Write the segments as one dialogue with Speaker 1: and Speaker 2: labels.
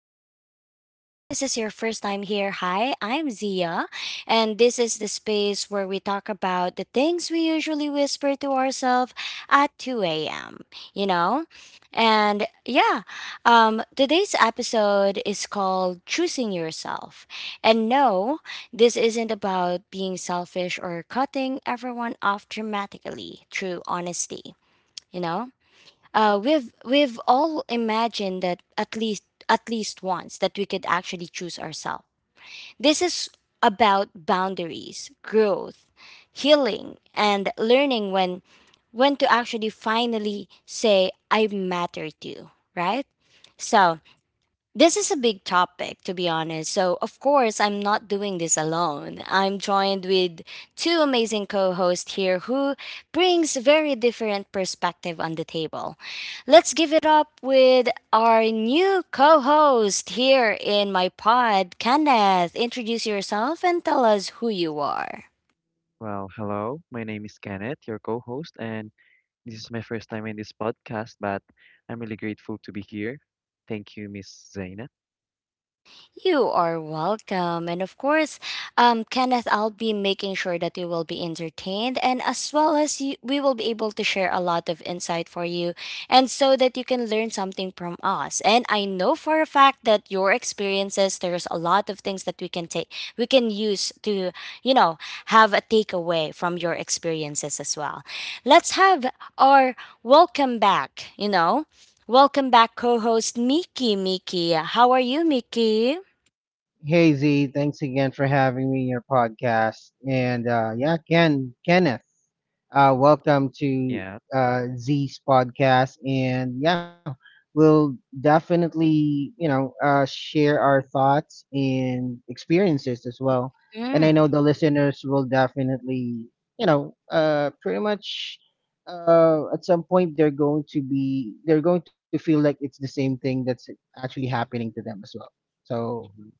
Speaker 1: Diaries. If this is your first time here, hi, I'm Zia, and this is the space where we talk about the things we usually whisper to ourselves at 2 a.m., you know? And yeah, today's episode is called Choosing Yourself. And no, this isn't about being selfish or cutting everyone off dramatically through honesty. You know? We've all imagined that at least once that we could actually choose ourselves. This is about boundaries, growth, healing, and learning when to actually finally say I matter to, you," right? So this is a big topic, to be honest. So, of course, I'm not doing this alone. I'm joined with two amazing co hosts here who brings very different perspective on the table. Let's give it up with our new co host here in my pod, Kenneth. Introduce yourself and tell us who you are.
Speaker 2: Well, hello. My name is Kenneth, your co-host, and this is my first time in this podcast, but I'm really grateful to be here. Thank you, Miss Zaina.
Speaker 1: You are welcome. And of course, Kenneth, I'll be making sure that you will be entertained and as well as you, we will be able to share a lot of insight for you and so that you can learn something from us. And I know for a fact that your experiences, there's a lot of things that we can take, we can use to, you know, have a takeaway from your experiences as well. Let's have our welcome back, you know. Welcome back, co host Miki. Miki, how are you, Miki?
Speaker 3: Hey Z, thanks again for having me in your podcast. And yeah, Kenneth, welcome to
Speaker 2: Yeah.
Speaker 3: Z's podcast. And yeah, we'll definitely, share our thoughts and experiences as well. And I
Speaker 1: Mm,
Speaker 3: know the listeners will definitely, pretty much, at some point, they're going to feel like it's the same thing that's actually happening to them as well. So
Speaker 2: Hmm.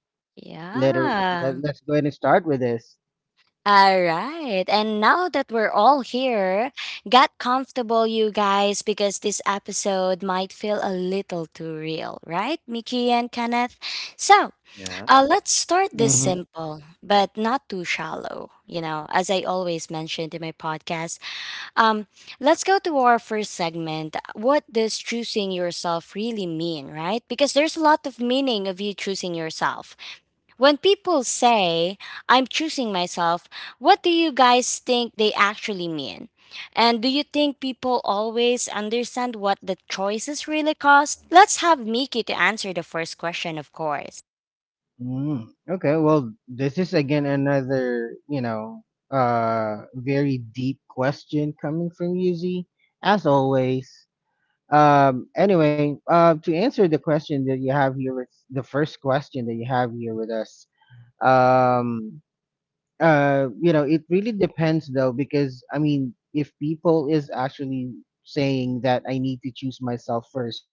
Speaker 3: later, let,
Speaker 1: yeah.
Speaker 3: let's go ahead and start with this.
Speaker 1: All right. And now that we're all here, get comfortable, you guys, because this episode might feel a little too real, right, Mickey and Kenneth? So
Speaker 2: Yeah.
Speaker 1: let's start this
Speaker 3: Mm-hmm.
Speaker 1: simple, but not too shallow. You know, as I always mentioned in my podcast, um, let's go to our first segment. What does choosing yourself really mean, right? Because there's a lot of meaning of you choosing yourself. When people say, I'm choosing myself, what do you guys think they actually mean? And do you think people always understand what the choices really cost? Let's have Miki to answer the first question, of course.
Speaker 3: Okay, well, this is again another, very deep question coming from Yuzi, as always. Anyway, to answer the question that you have here, with the first question that you have here with us, um you know, it really depends though, because I mean, if people is actually saying that I need to choose myself first.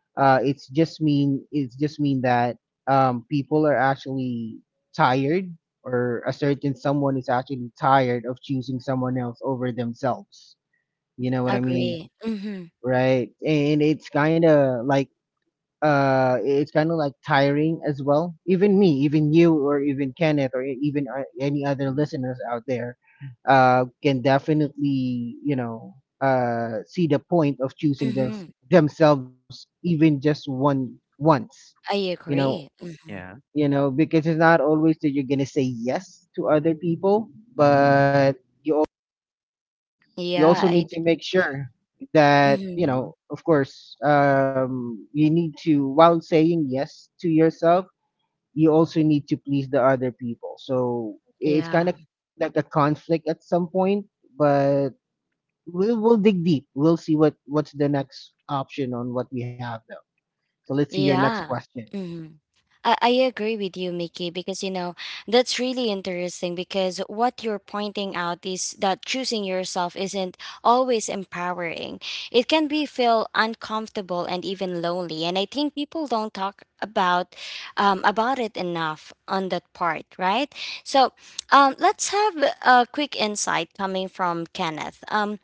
Speaker 3: It's just mean, that, people are actually tired, or a certain someone is actually tired of choosing someone else over themselves. You know what I mean,
Speaker 1: Agree. Mm-hmm.
Speaker 3: right? And it's kind of like tiring as well, even me, even you, or even Kenneth, or even, any other
Speaker 2: Mhm.
Speaker 3: listeners out there, can definitely, see the point of choosing
Speaker 1: Mm-hmm.
Speaker 3: themselves, even just one once,
Speaker 1: I
Speaker 3: you know
Speaker 1: agree. Mm-hmm.
Speaker 2: Yeah.
Speaker 3: because it's not always that you're gonna say yes to other people. But you
Speaker 1: Yeah,
Speaker 3: also
Speaker 1: I.
Speaker 3: need to make sure that,
Speaker 1: Mm-hmm.
Speaker 2: Hmm.
Speaker 3: of course, you need to, while saying yes to yourself, you also need to please the other people. So it's kind
Speaker 1: Yeah.
Speaker 3: of like a conflict at some point, but we'll dig deep. We'll see what's the next option on what we have though. So let's see your next
Speaker 1: Yeah.
Speaker 3: question.
Speaker 1: I agree with you, Mickey, because you know that's really interesting. Because what you're pointing out is that choosing yourself isn't always empowering. It can be feel uncomfortable and even lonely, and I think people don't talk about about it enough on that part, right? So let's have a quick insight coming from Kenneth.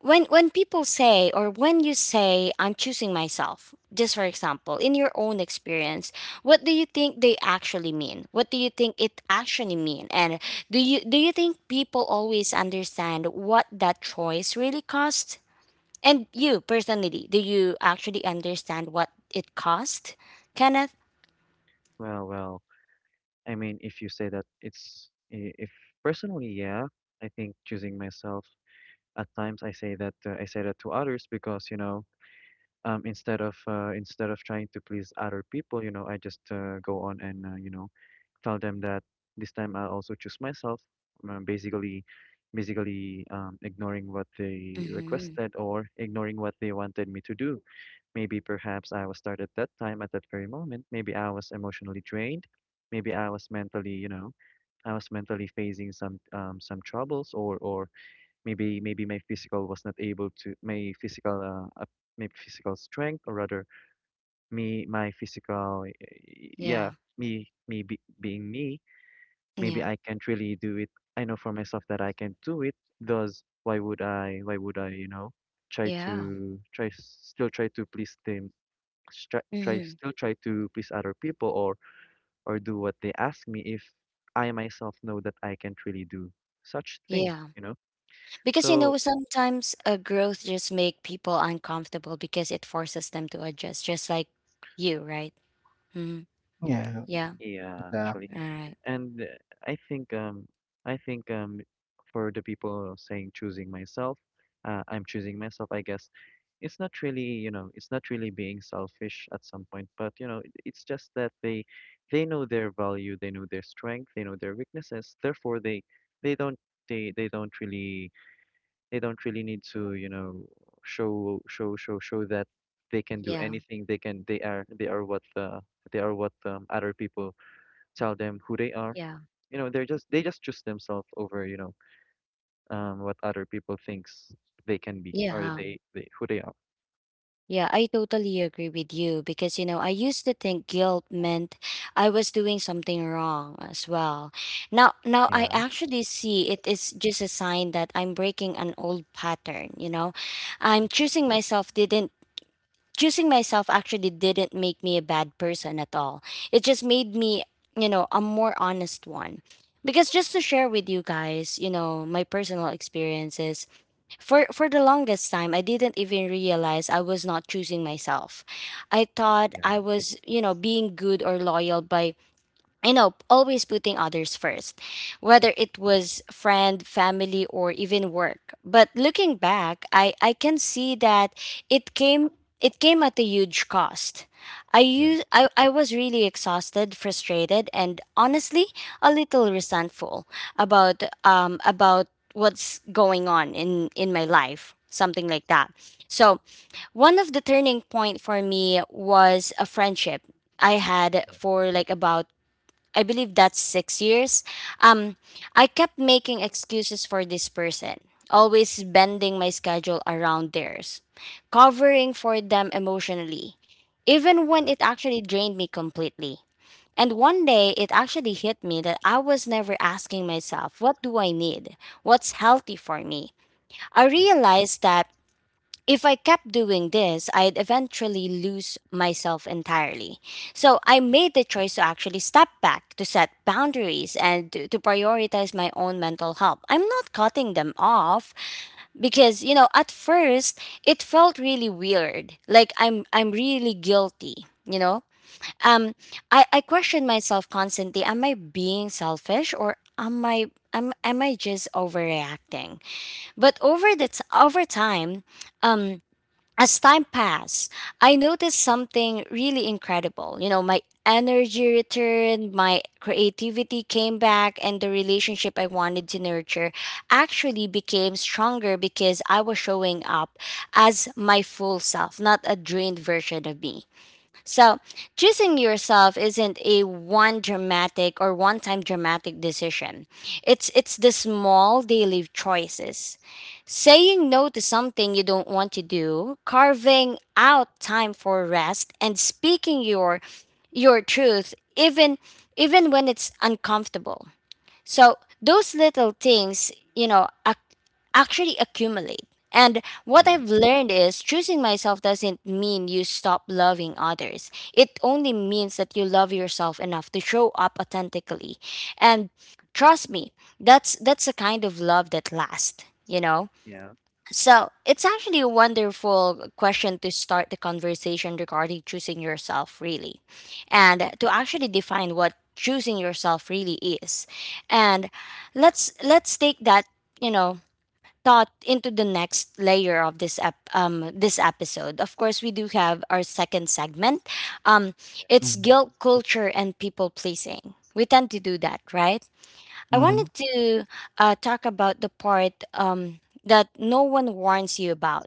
Speaker 1: When people say or when you say I'm choosing myself, just for example in your own experience, what do you think they actually mean? What do you think it actually mean? And do you think people always understand what that choice really cost? And you personally, do you actually understand what it cost, Kenneth?
Speaker 2: Well, I mean, if you say that it's I- if personally, yeah, I think choosing myself at times I say that to others because, you know, instead of trying to please other people, you know, I just go on and you know, tell them that this time I'll also choose myself. Basically, ignoring what they
Speaker 1: Mm-hmm.
Speaker 2: requested or ignoring what they wanted me to do. Maybe perhaps I was tired at that time, at that very moment. Maybe I was emotionally drained. Maybe I was mentally, you know, I was mentally facing some troubles, or maybe my physical was not able to my physical strength, or rather me my physical,
Speaker 1: Yeah.
Speaker 2: yeah, being me maybe
Speaker 1: Yeah.
Speaker 2: I can't really do it. I know for myself that I can do it. Thus, why would I? Why would I? You know, try
Speaker 1: Yeah.
Speaker 2: to try to please them. Try, try
Speaker 1: Mm-hmm.
Speaker 2: still try to please other people or do what they ask me if I myself know that I can't really do such thing.
Speaker 1: Yeah.
Speaker 2: You know.
Speaker 1: Because you
Speaker 2: So
Speaker 1: know, sometimes a growth just make people uncomfortable because it forces them to adjust, just like you, right? Hmm.
Speaker 3: Yeah,
Speaker 1: Yeah.
Speaker 2: yeah, actually.
Speaker 3: exactly.
Speaker 1: All right.
Speaker 2: And I think I think for the people saying choosing myself, I'm choosing myself, I guess. It's not really, you know, it's not really being selfish at some point, but you know, it's just that they know their value, they know their strength, they know their weaknesses. Therefore, they don't they don't really need to, you know, show that they can do
Speaker 1: Yeah.
Speaker 2: anything. They are what the they are what other people tell them who they are.
Speaker 1: Yeah.
Speaker 2: You know, they just choose themselves over, you know, what other people thinks they can be or
Speaker 1: Yeah.
Speaker 2: they who they are.
Speaker 1: Yeah. I totally agree with you because you know, I used to think guilt meant I was doing something wrong as well. Now I
Speaker 2: Yeah.
Speaker 1: actually see it is just a sign that I'm breaking an old pattern, you know. I'm choosing myself didn't Choosing myself actually didn't make me a bad person at all. It just made me, you know, a more honest one. Because just to share with you guys, you know, my personal experiences, for the longest time I didn't even realize I was not choosing myself. I thought
Speaker 2: Yeah.
Speaker 1: I was, you know, being good or loyal by you know, always putting others first,
Speaker 2: Mhm.
Speaker 1: whether it was friend, family, or even work. But looking back, I can see that it came it came at a huge cost. I
Speaker 2: Yeah.
Speaker 1: used I, I was really exhausted, frustrated, and honestly a little resentful about about what's going on in my life. Something like that. So one of the turning point for me was a friendship I had
Speaker 2: Yeah.
Speaker 1: for like about I believe that's 6 years. Um, I kept making excuses for this person, always bending my schedule around theirs, covering for them emotionally, even when it actually drained me completely. And one day, it actually hit me that I was never asking myself, what do I need? What's healthy for me? I
Speaker 2: Yeah.
Speaker 1: realized that if I kept doing this, I'd eventually lose myself entirely. So I made the choice to actually step back, to set boundaries, and to prioritize my own mental health. I'm not cutting them off because, you know, at first it felt really weird. Like I'm really guilty, you know? Um I question myself constantly, am I being selfish or am I just overreacting? But over time, um as time passed, I noticed something really incredible. You know, my energy returned, my creativity came back, and the relationship I wanted to nurture actually became stronger because I was showing up as my full self, not a drained version of me. So, choosing yourself isn't a one time dramatic decision. It's the small daily choices. Saying no to something you don't want to do, carving out time for rest, and speaking your truth even when it's uncomfortable. So those little things, you know, actually accumulate. And what
Speaker 2: Yeah.
Speaker 1: I've learned is choosing myself doesn't mean you stop loving others. It only means that you love yourself enough to show up authentically. And trust me, that's the kind of love that lasts, you know?
Speaker 2: Yeah.
Speaker 1: So it's actually a wonderful question to start the conversation regarding choosing yourself, really, and
Speaker 2: Mhm.
Speaker 1: to actually define what choosing yourself really is. And let's take that you know thought into the next layer of this this episode. Of course, we do have our second segment. Um, it's
Speaker 3: Mm-hmm.
Speaker 1: guilt culture and people pleasing. We tend to do that, right? I
Speaker 2: Mhm.
Speaker 1: wanted
Speaker 3: Mm-hmm.
Speaker 1: to talk about the part that no one warns you about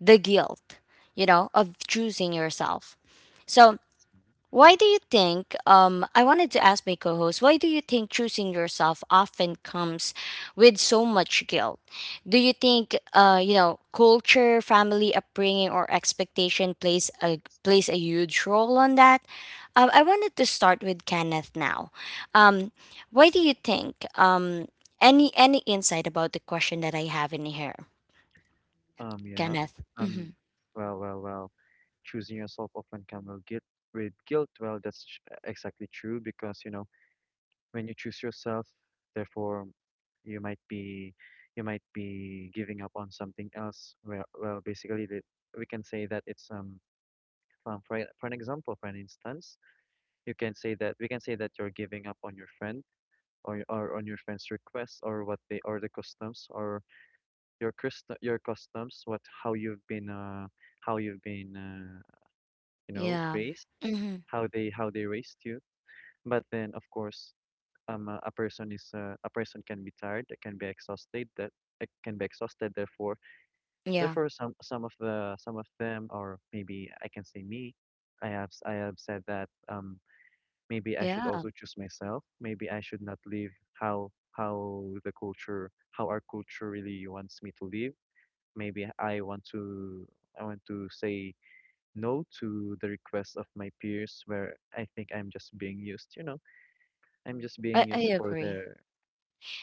Speaker 1: the guilt, you know, of choosing yourself. So why do you think, I wanted to ask my co host, why do you think choosing yourself often comes with so much guilt? Do you think, you know, culture, family upbringing, or expectation plays plays a huge role on that? I wanted to start with Kenneth now. Um, why do you think, any insight about the question that I have in here,
Speaker 2: Mhm. Yeah.
Speaker 1: Kenneth?
Speaker 2: um
Speaker 1: Mm-hmm.
Speaker 2: well, choosing yourself often come with guilt with guilt well that's sh- exactly true because you know when you choose yourself therefore you might be you might be giving up on something else. Basically, we can say that it's for for an example, for an instance, you can say that we can say that you're giving up on your friend or on your friend's request or what they or the customs or your customs, what how you've been how you've been uh, you know
Speaker 1: Yeah.
Speaker 2: raised,
Speaker 1: Mm-hmm.
Speaker 2: how they raised you. But then of course, a person is a person can be tired, they can be exhausted, that it can be exhausted. Therefore,
Speaker 1: Yeah.
Speaker 2: therefore some of them or maybe I can say me, I have said that maybe I should
Speaker 1: Yeah.
Speaker 2: also choose myself. Maybe I should not live how our culture really wants me to live. Maybe I want to say no to the requests of my peers where I think I'm just being used, you know. I'm just being
Speaker 1: I
Speaker 2: used for
Speaker 1: agree.
Speaker 2: their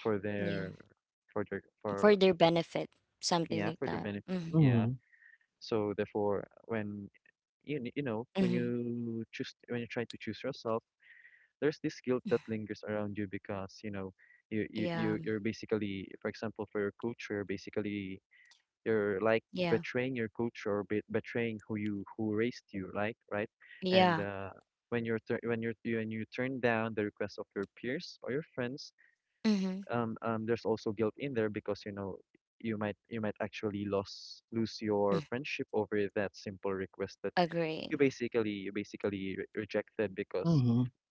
Speaker 2: for their for their
Speaker 1: For
Speaker 2: for
Speaker 1: their benefit, something
Speaker 2: yeah,
Speaker 1: like
Speaker 2: for their
Speaker 1: that.
Speaker 2: benefit.
Speaker 1: Mm-hmm.
Speaker 2: Yeah.
Speaker 3: Mm-hmm.
Speaker 2: So therefore you know when
Speaker 1: Mm-hmm.
Speaker 2: you try to choose yourself there's this guilt that lingers around you because you know
Speaker 1: Yeah.
Speaker 2: you're basically, for example, for your culture, basically you're like
Speaker 1: Yeah.
Speaker 2: betraying your culture or be betraying who you who raised you, like right? And
Speaker 1: Yeah.
Speaker 2: when you're tur when you're when you turn down the request of your peers or your friends,
Speaker 1: Mm-hmm.
Speaker 2: there's also guilt in there because you know you might actually lose your friendship over that simple request that
Speaker 1: Agree.
Speaker 2: you basically re rejected because
Speaker 3: Mm-hmm.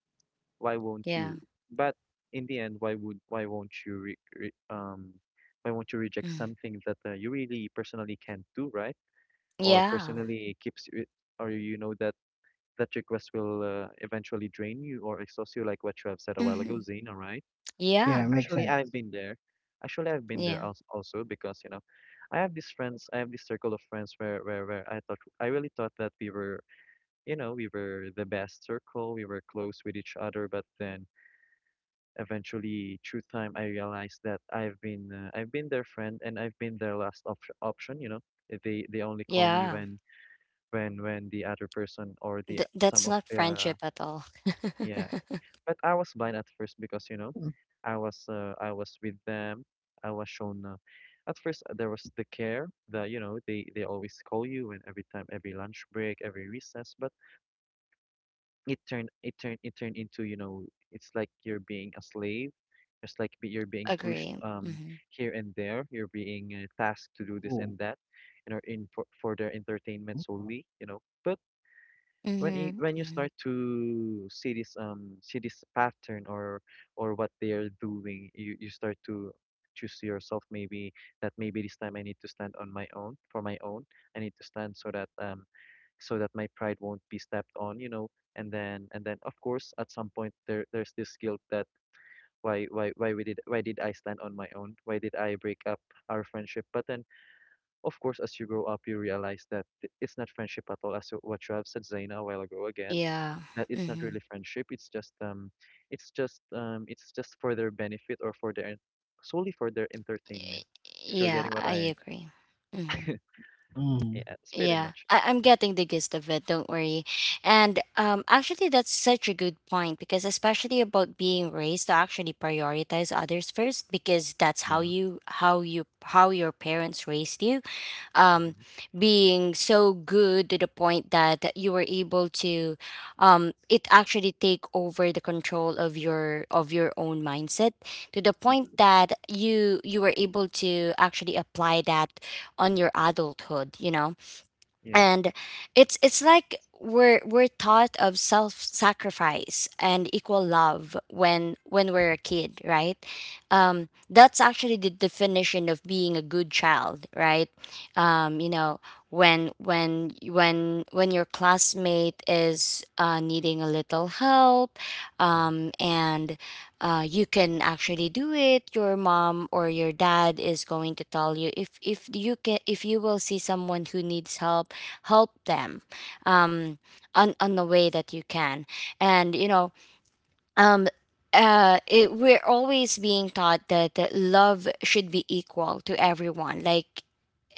Speaker 2: why won't
Speaker 1: Yeah.
Speaker 2: you? But in the end, why won't you reject
Speaker 1: Mm.
Speaker 2: something that you really personally can't do, right? Or
Speaker 1: Yeah.
Speaker 2: personally keeps you, or you know that that request will eventually drain you or exhaust you, like what you have said a while
Speaker 1: Mm-hmm.
Speaker 2: ago, Zena. All right.
Speaker 1: Yeah.
Speaker 3: Yeah,
Speaker 2: Actually,
Speaker 3: makes
Speaker 2: I've been
Speaker 3: sense.
Speaker 2: there. Actually, I've been
Speaker 1: Yeah.
Speaker 2: there also because you know, I have these friends, I have this circle of friends where I thought I really thought that we were, you know, we were the best circle, we were close with each other, but then eventually through time I realized that I've been their friend and I've been their last op option, you know. They only call me
Speaker 1: Yeah.
Speaker 2: when the other person or the
Speaker 1: Th- that's
Speaker 2: some of
Speaker 1: not
Speaker 2: the,
Speaker 1: friendship at all.
Speaker 2: yeah, but I was blind at first because you know I was with them. I was shown at first there was the care that you know they always call you and every time, every lunch break, every recess, but it turned into, you know, it's like you're being a slave, it's like you're being pushed,
Speaker 1: Agree. Mm-hmm.
Speaker 2: here and there, you're being tasked to do this and
Speaker 3: Ooh.
Speaker 2: that, you know, in for their entertainment solely, you know, but
Speaker 1: Mm-hmm.
Speaker 2: when you
Speaker 1: Hmm.
Speaker 2: start to see this pattern or what they are doing, you start to choose yourself. Maybe that maybe this time I need to stand on my own for my own. I need to stand so that so that my pride won't be stepped on, you know. And then of course at some point there there's this guilt that why did I stand on my own? Why did I break up our friendship? But then of course as you grow up you realize that it's not friendship at all, as what you have said, Zaina, a while ago again,
Speaker 1: Yeah.
Speaker 2: that it's not
Speaker 1: Mm-hmm.
Speaker 2: really friendship, it's just it's just for their benefit or for their solely for their entertainment. If you're
Speaker 1: Yeah,
Speaker 2: getting what
Speaker 1: I
Speaker 2: I,
Speaker 1: agree. Mm-hmm.
Speaker 2: yeah,
Speaker 3: Mm-hmm.
Speaker 2: it's pretty
Speaker 1: Yeah,
Speaker 2: much it.
Speaker 1: I'm getting the gist of it. Don't worry. And actually, that's such a good point because, especially about being raised to actually prioritize others first, because that's how
Speaker 2: Yeah.
Speaker 1: you, how your parents raised you. Um,
Speaker 2: Hmm.
Speaker 1: Being so good to the point that you were able to, it actually take over the control of your own mindset to the point that you were able to actually apply that on your adulthood. You know,
Speaker 2: Yeah.
Speaker 1: and it's like we're taught of self-sacrifice and equal love when we're a kid, right? That's actually the definition of being a good child, right? You know, when your classmate is needing a little help,
Speaker 2: Yeah.
Speaker 1: and you can actually do it, your mom or your dad is going to tell you if you can if you will see someone who needs help, help them, um, on the way that you can. And you know, um, it, we're always being taught that, that love should be equal to everyone. Like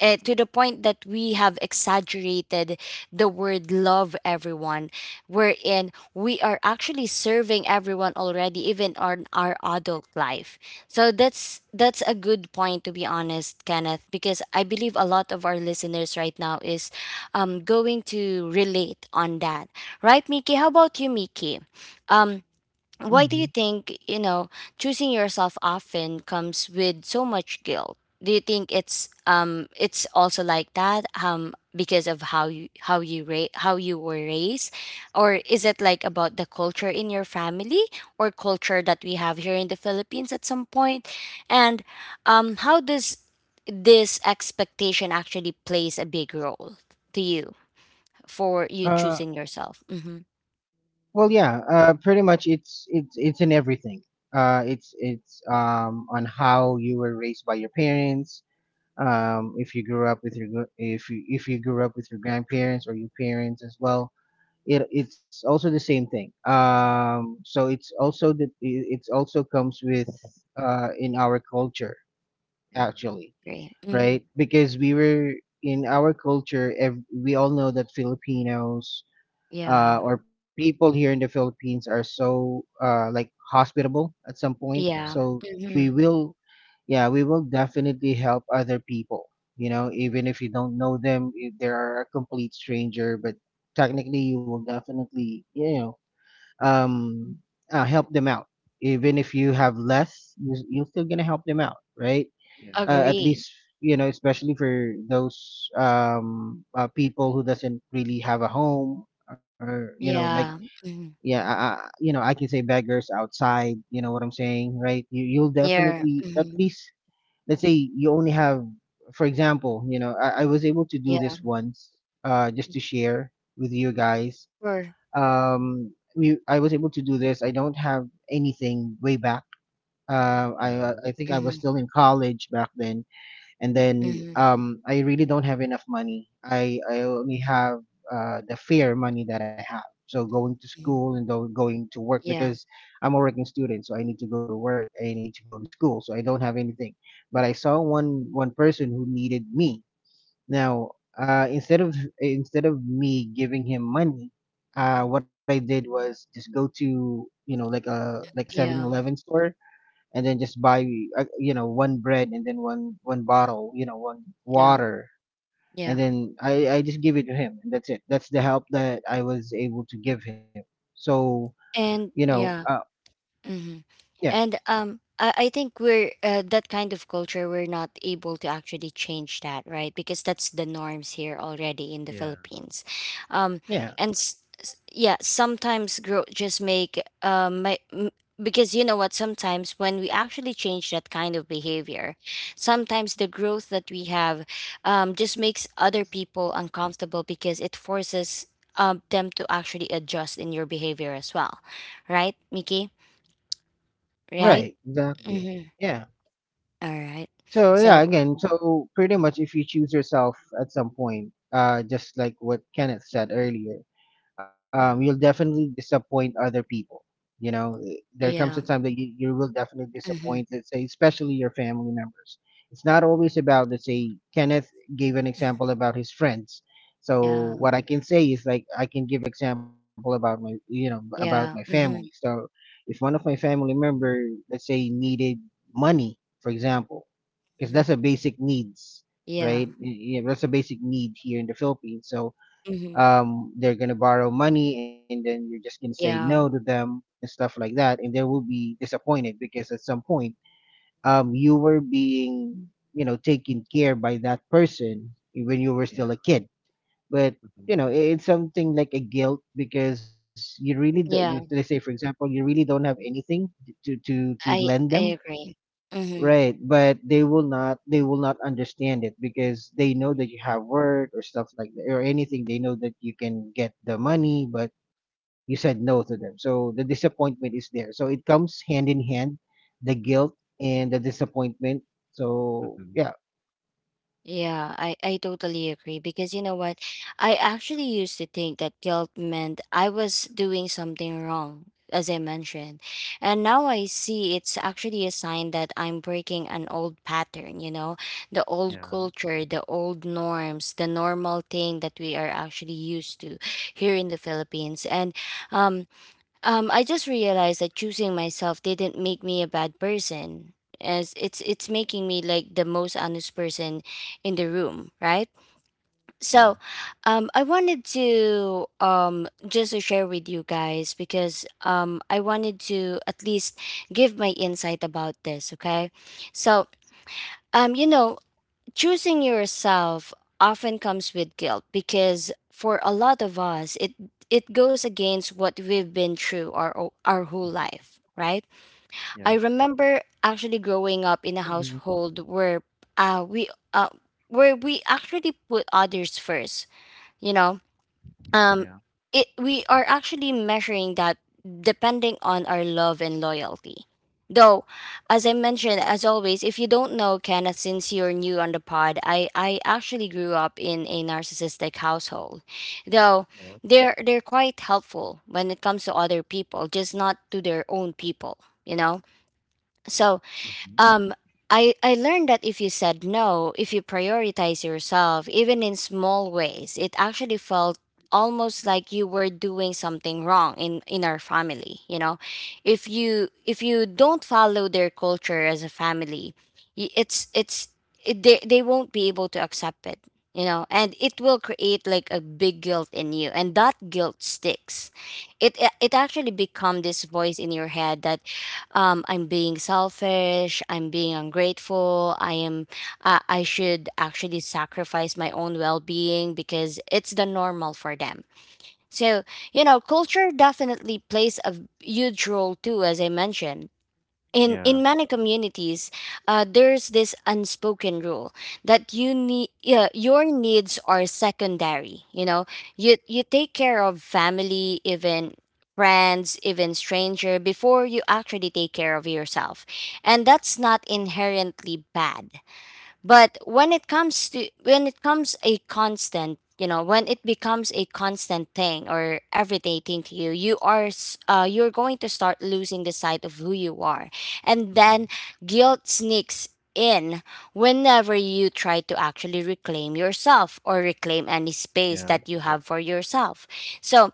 Speaker 1: to
Speaker 2: Hmm.
Speaker 1: the point that we have exaggerated the word love everyone, wherein we are actually serving everyone already even on our adult life. So that's a good point, to be honest, Kenneth, because I believe a lot of our listeners right now is going to relate on that, right? Miki, how about you, Miki? um, why do you
Speaker 3: Mm-hmm.
Speaker 1: think, you know, choosing yourself often comes with so much guilt? Do you think it's also like that because of how you how you how you were raised, or is it like about the culture in your family or culture that we have here in the Philippines at some point? And um, how does this expectation actually plays a big role to you, for you choosing
Speaker 3: Uh,
Speaker 1: yourself? Mhm.
Speaker 3: well, yeah. Pretty much, it's in everything. It's, on how you were raised by your parents, if you grew up with your gr- if you grew up with your grandparents or your parents as well. It's also the same thing, so it's also the it's also comes with, in our culture
Speaker 2: Yeah.
Speaker 3: actually,
Speaker 1: Great. Mhm.
Speaker 3: right? Because we were, in our culture, we all know that Filipinos,
Speaker 1: Yeah.
Speaker 3: or people here in the Philippines, are so, like, hospitable at some point.
Speaker 2: Yeah.
Speaker 1: Yeah.
Speaker 3: So we
Speaker 2: Sure.
Speaker 1: Mm-hmm.
Speaker 3: will, yeah, we will definitely help other people. You know, even if you don't know them, if they are a complete stranger, but technically, you will definitely, um, help them out. Even if you have less, you're still gonna help them out, right?
Speaker 2: Yeah.
Speaker 3: At
Speaker 1: Agree.
Speaker 3: least, especially for those, people who doesn't really have a home, or like,
Speaker 1: Yeah. Mhm.
Speaker 3: yeah, I, I can say, beggars outside, you know what I'm saying, right? you, you'll
Speaker 1: Yeah.
Speaker 3: definitely, at
Speaker 1: Mhm.
Speaker 3: least, let's say, you only have, for example, I was able to do
Speaker 1: Yeah.
Speaker 3: this once, just to share with you guys.
Speaker 1: Sure.
Speaker 3: um I was able to do this. I don't have anything. Way back,
Speaker 2: Yeah.
Speaker 3: I think I was
Speaker 1: Mhm.
Speaker 3: still in college back then, and then,
Speaker 1: Mhm.
Speaker 3: I really don't have enough money. I only have, the fair money that I have. So going to
Speaker 1: Mhm.
Speaker 3: school, and though going to work,
Speaker 1: Yeah.
Speaker 3: because I'm a working student, so I need to go to work, I need to go to school, so I don't have anything. But I saw one person who needed me. Now, instead of, me giving him money, what I did was just go to, you know, like a,
Speaker 1: Yeah.
Speaker 3: 7-Eleven store, and then just buy, you know, one bread, and then one bottle, you know, one
Speaker 1: Yeah.
Speaker 3: water, and
Speaker 1: Yeah.
Speaker 2: Mhm.
Speaker 3: then I just give it to him, and that's it. That's the help that I was able to give him. So,
Speaker 1: And
Speaker 3: you know.
Speaker 1: yeah. Mm-hmm. And
Speaker 3: Yeah,
Speaker 1: um, I, I think we're that kind of culture, we're not able to actually change that, right? Because that's the norms here already in the
Speaker 2: Yeah.
Speaker 1: Philippines. Um,
Speaker 3: yeah.
Speaker 1: yeah, sometimes grow just make my. M- because you know what, sometimes when we actually change that kind of behavior, sometimes the growth that we have just makes other people uncomfortable because it forces them to actually adjust in your behavior as well. Right, Mickey? Right?
Speaker 3: Right, exactly.
Speaker 1: Mhm.
Speaker 3: Yeah.
Speaker 1: Alright.
Speaker 3: So yeah,
Speaker 1: So
Speaker 3: again, so pretty much if you choose yourself at some point, just like what Kenneth said earlier,
Speaker 2: Yeah.
Speaker 3: you'll definitely disappoint other people. You know, there
Speaker 1: yeah.
Speaker 3: comes a time that you will definitely
Speaker 1: Mhm.
Speaker 3: disappoint, let's say, especially your family members. It's not always about, let's say, Kenneth gave an example about his friends.
Speaker 1: Yeah.
Speaker 3: So what I can say is, like, I can give example about my
Speaker 1: Yeah.
Speaker 3: family.
Speaker 1: Mhm.
Speaker 3: So if one of my family member,
Speaker 2: Mhm.
Speaker 3: let's say, needed money, for example, because
Speaker 1: Mhm.
Speaker 3: that's a basic needs,
Speaker 1: Yeah.
Speaker 3: right? That's a basic need here in the Philippines. So,
Speaker 1: Mhm.
Speaker 3: they're gonna borrow money, and then you're just gonna say no to
Speaker 1: Yeah.
Speaker 3: them and stuff like that, and they will be disappointed because at some point, you were being, taken care by that person when you were still
Speaker 2: Yeah.
Speaker 3: a kid. But you
Speaker 2: Mhm.
Speaker 3: know, it's something like a guilt, because you really do, let's say,
Speaker 1: Yeah.
Speaker 3: for example, you really don't have anything to
Speaker 1: I
Speaker 3: lend
Speaker 1: I
Speaker 3: them.
Speaker 1: agree. Mhm.
Speaker 3: Right, but they will not understand it, because they know that you have work or stuff like that, or anything. They know that you can get the money, but you said no to them. So the disappointment is there. So it comes hand in hand, the guilt and the disappointment. So
Speaker 2: Mhm.
Speaker 3: yeah.
Speaker 1: Yeah, I totally agree because you know what? I actually used to think that guilt meant I was doing something wrong, as I mentioned. And now I see it's actually a sign that I'm breaking an old pattern, you know, the old
Speaker 2: Yeah.
Speaker 1: culture, the old norms, the normal thing that we are actually used to here in the Philippines. And um I just realized that choosing myself didn't make me a bad person, as it's making me like the most honest person in the room, right?
Speaker 2: Yeah.
Speaker 1: So, I wanted to just to share with you guys because I wanted to at least give my insight about this. Okay, so you know, choosing yourself often comes with guilt because for a lot of us it goes against what we've been through our whole
Speaker 2: Mhm.
Speaker 1: life, right? I
Speaker 2: Yeah.
Speaker 1: remember actually growing up in a
Speaker 3: Mhm.
Speaker 1: household where we where we actually put others first, you know. um
Speaker 2: Yeah.
Speaker 1: it, we are actually measuring that depending on our love and loyalty, though. As I mentioned, as always, if you don't know Kenneth, since you're new on the pod, I actually grew up in a narcissistic household, though.
Speaker 2: Yeah.
Speaker 1: They're quite helpful when it comes to other people, just not to their own people, you know. So
Speaker 2: Mhm.
Speaker 1: um, I learned that if you said no, if you prioritize yourself, even in small ways, it actually felt almost like you were doing something wrong in our family, you know? If you don't follow their culture as a family, y- it's it's they won't be able to accept it, you know? And it will create like a big guilt in you, and that guilt sticks. It actually become this voice in your head that I'm being selfish, I'm being ungrateful, I am I should actually sacrifice my own well-being because it's the normal for them. So, you know, culture definitely plays a huge role too, as I mentioned, in
Speaker 2: Yeah.
Speaker 1: many communities. There's this unspoken rule that your needs are secondary, you know. You take care of family, even friends, even stranger, before you actually take care of yourself. And that's not inherently bad, but when it comes a constant, you know, when it becomes a constant thing or everyday thing to you, you're going to start losing the sight of who you are. And then
Speaker 2: Mhm.
Speaker 1: guilt sneaks in whenever you try to actually reclaim yourself or reclaim any space
Speaker 2: Yeah.
Speaker 1: that you have for yourself. So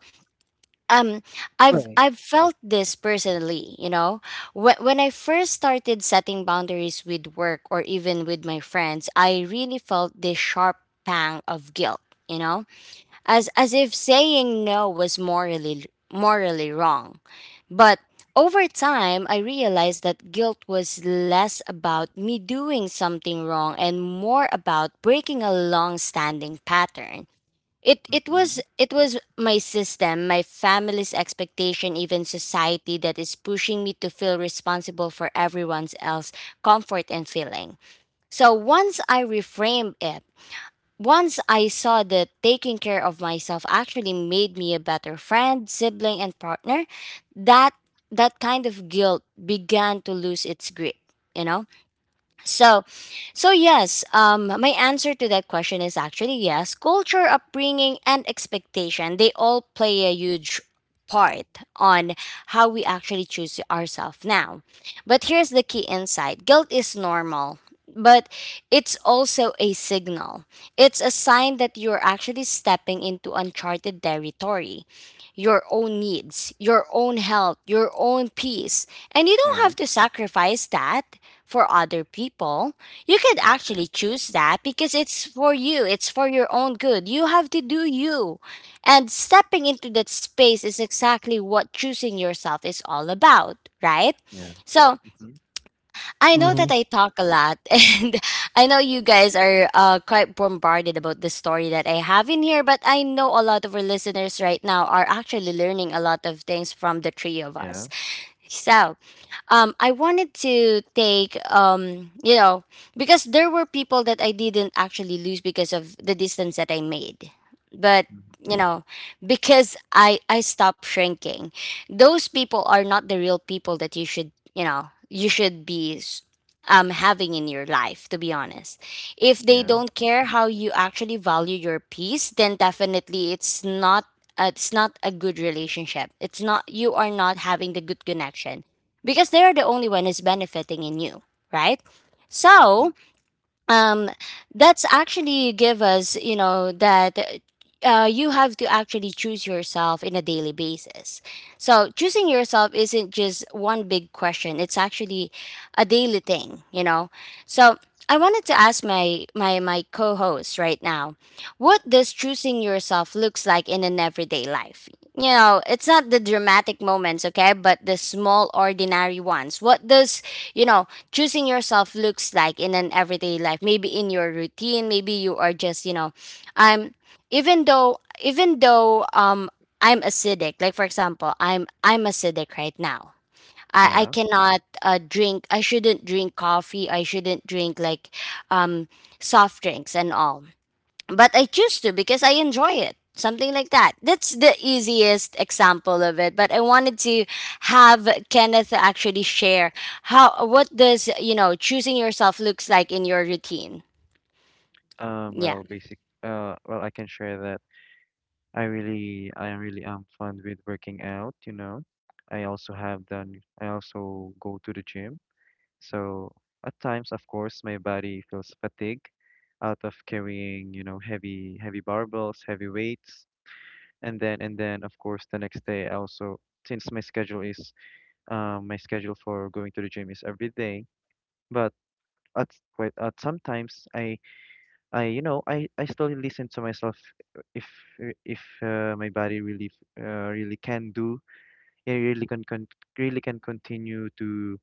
Speaker 1: um
Speaker 3: Right.
Speaker 1: I've felt this personally, you know, when I first started setting boundaries with work or even with my friends, I really felt this sharp pang of guilt, you know, as if saying no was morally wrong. But over time I realized that guilt was less about me doing something wrong and more about breaking a long standing pattern. it it was
Speaker 2: Mhm.
Speaker 1: it was my system, my family's expectation, even society, that is pushing me to feel responsible for everyone else's comfort and feeling. So once I reframed it, once I saw that taking care of myself actually made me a better friend, sibling, and partner, that that kind of guilt began to lose its grip, you know. So, so yes, my answer to that question is actually yes. Culture, upbringing, and expectation, they all play a huge part on how we actually choose ourselves now. But here's the key insight: guilt is normal. But it's also a signal. It's a sign that you're actually stepping into uncharted territory. Your own needs, your own health, your own peace. And you don't
Speaker 2: Yeah.
Speaker 1: have to sacrifice that for other people. You could
Speaker 2: Mhm.
Speaker 1: actually choose that because it's for you, it's for your own good. You have to do you. And stepping into that space is exactly what choosing yourself is all about, right?
Speaker 2: Yeah.
Speaker 1: So
Speaker 2: Mhm.
Speaker 1: I know
Speaker 3: Mm-hmm.
Speaker 1: that I talk a lot, and I know you guys are quite bombarded about the story that I have in here, but I know a lot of our listeners right now are actually learning a lot of things from the three of
Speaker 2: Yeah.
Speaker 1: us.
Speaker 2: Mhm.
Speaker 1: So, I wanted to take, you know, because there were people that I didn't actually lose because of the distance that I made. But, you know, because I stopped shrinking, those people are not the real people that you should, you know, you should be s- having in your life, to be honest. If they
Speaker 2: Yeah.
Speaker 1: don't care how you actually value your peace, then definitely it's not. It's not a good relationship. It's not You are not having the good connection because they're the only one who's benefiting in you, right?
Speaker 2: Mhm.
Speaker 1: So um, that's actually give us, you know, that you have to actually choose yourself in a daily basis. So choosing yourself isn't just one big question; it's actually a daily thing, you know. So I wanted to ask my co-host right now, what does choosing yourself looks like in an everyday life? You know, it's not the dramatic moments, okay, but the small ordinary ones. What does, you know, choosing yourself looks like in an everyday life? Maybe in your routine, maybe you are just, you know, I'm even though I'm acidic, like for example I'm acidic right now. I
Speaker 2: Yeah.
Speaker 1: cannot drink, I shouldn't drink coffee, I shouldn't drink like um soft drinks and all, but I choose to because I enjoy it. Something like that. That's the easiest example of it. But I wanted to have Kenneth actually share how, what does, you know, choosing yourself looks like in your routine.
Speaker 2: Um,
Speaker 1: Yeah,
Speaker 2: well, basic, uh, well, I can share that I really am fun with working out, you know. I also go to the gym. So at times, of course, my body feels fatigue out of carrying, you know, heavy barbells, heavy weights, and then of course the next day I also since my schedule is my schedule for going to the gym is every day, but at quite at sometimes I I still listen to myself if if my body really really can do it really can really can continue to,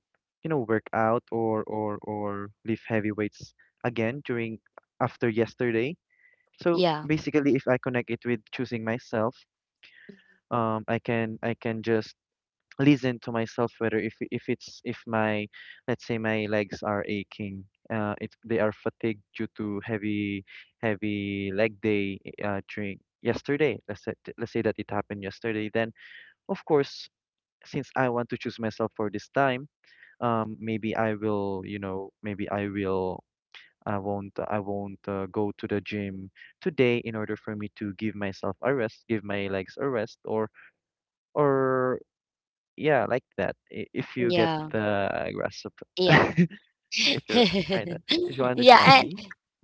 Speaker 2: you know, work out or lift heavy weights again during after yesterday. So
Speaker 1: yeah,
Speaker 2: basically if I connect it with choosing myself, I can just listen to myself whether if it's if my, let's say my legs are aching, if they are fatigued due to heavy leg day, during yesterday, let's say, let's say that it happened yesterday, then of course since I want to choose myself for this time, maybe I will, you know, maybe I will, I won't go to the gym today in order for me to give myself a rest, give my legs a rest, or yeah, like that. If you get
Speaker 1: yeah,
Speaker 2: the grasp, of-
Speaker 1: yeah,
Speaker 2: if you're kind of, if you understand
Speaker 1: yeah.
Speaker 2: me.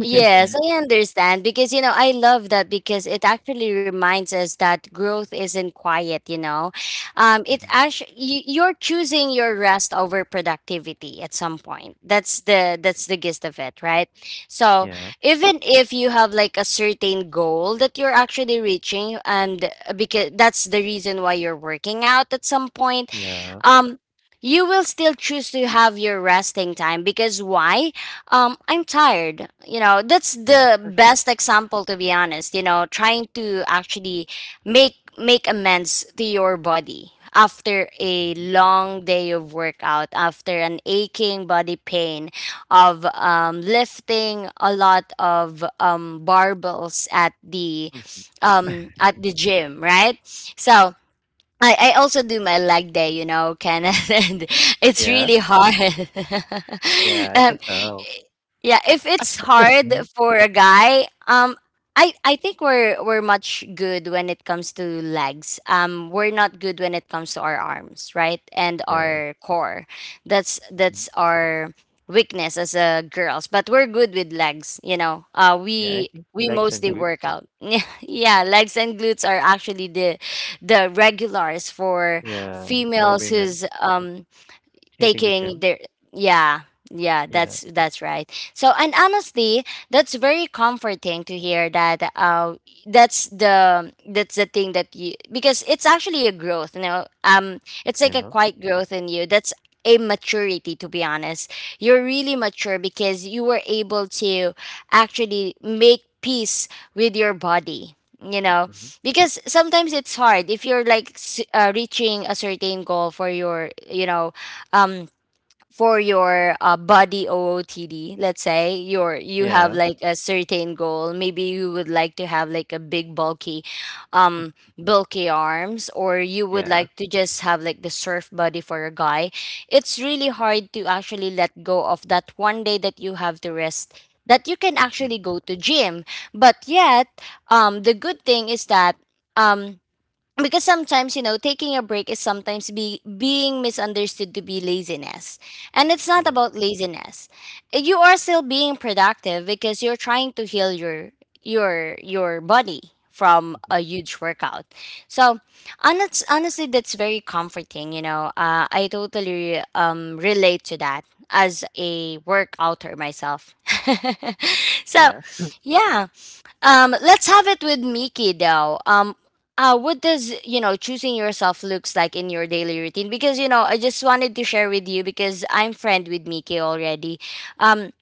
Speaker 1: Yes,
Speaker 3: Okay.
Speaker 1: I understand because you know I love that because it actually reminds us that growth isn't quiet. You know, it
Speaker 2: Hmm.
Speaker 1: actually, you're choosing your rest over productivity at some point. That's the, that's the gist of it, right? So
Speaker 2: Yeah.
Speaker 1: even if you have like a certain goal that you're actually reaching, and because that's the reason why you're working out at some point,
Speaker 2: Yeah.
Speaker 1: um you will still choose to have your resting time because why? I'm tired, you know. That's
Speaker 2: Yeah,
Speaker 1: the
Speaker 2: exactly.
Speaker 1: best example, to be honest. You know, trying to actually make amends to your body after a
Speaker 2: Hmm.
Speaker 1: long day of workout, after an aching body pain of lifting a lot of barbells
Speaker 2: Hmm.
Speaker 1: at the gym, right? So I also do my leg day, you know, Kenneth, and it's
Speaker 2: Yeah,
Speaker 1: really hard.
Speaker 2: yeah, I can
Speaker 1: Um,
Speaker 2: tell.
Speaker 1: yeah, if it's hard
Speaker 3: Mm-hmm.
Speaker 1: for a guy, I think we're much good when it comes to legs. We're not good when it comes to our arms, right, and
Speaker 2: Yeah.
Speaker 1: our core. That's
Speaker 2: Mhm.
Speaker 1: that's our weakness as a girls. But we're good with legs, you know.
Speaker 2: Yeah, I think
Speaker 1: We
Speaker 2: legs and
Speaker 1: mostly work
Speaker 2: glutes.
Speaker 1: out. Yeah, legs and glutes are actually the regulars for
Speaker 2: Yeah, for
Speaker 1: females
Speaker 2: women
Speaker 1: who's
Speaker 2: hitting the
Speaker 1: taking
Speaker 2: gym.
Speaker 1: their yeah, yeah,
Speaker 2: Yeah.
Speaker 1: that's right. So, and honestly, that's very comforting to hear that, uh, that's the thing that you, because it's actually a growth, you know, it's like a
Speaker 2: Yeah.
Speaker 1: quiet growth in you. That's a maturity, to be honest. You're really mature because you were able to actually make peace with your body, you know,
Speaker 2: Hmm.
Speaker 1: because sometimes it's hard if you're like reaching a certain goal for your, you know, um for your body OOTD, let's say, your, you have
Speaker 2: Yeah.
Speaker 1: like a certain goal, maybe you would like to have like a big bulky, um, bulky arms, or you would
Speaker 2: Yeah.
Speaker 1: like to just have like the surf body for a guy. It's really hard to actually let go of that one day that you have to rest, that you can
Speaker 2: Hmm.
Speaker 1: actually go to gym. But yet the good thing is that um because sometimes, you know, taking a break is sometimes be being misunderstood to be laziness, and it's not
Speaker 2: Yeah.
Speaker 1: about laziness. You are still being productive because you're trying to heal your your body from
Speaker 2: Hmm.
Speaker 1: a huge workout. So honest, honestly, that's very comforting, you know. I totally relate to that as a workouter myself. So
Speaker 2: Yeah.
Speaker 1: yeah. Um, let's have it with Miki though. What does choosing yourself looks like in your daily routine? Because you know, I just wanted to share with you because I'm friend with Miki already. Um,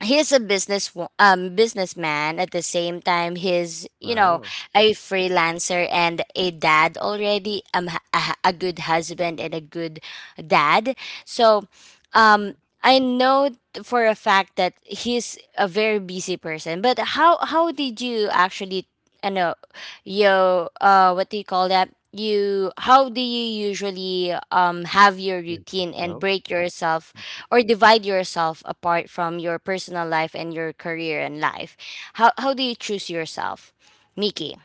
Speaker 1: he's a businessman at the same time. He's
Speaker 2: Wow.
Speaker 1: a freelancer and a dad already. A good husband and a good dad. So
Speaker 2: Mm-hmm.
Speaker 1: um I know for a fact that he's a very busy person. But how did you actually I know yo what do you call that? You how do you usually have your
Speaker 2: You just
Speaker 1: routine and
Speaker 2: know.
Speaker 1: break yourself
Speaker 2: Okay.
Speaker 1: or divide yourself apart from your personal life and your career and life? How do you choose yourself? Mickey.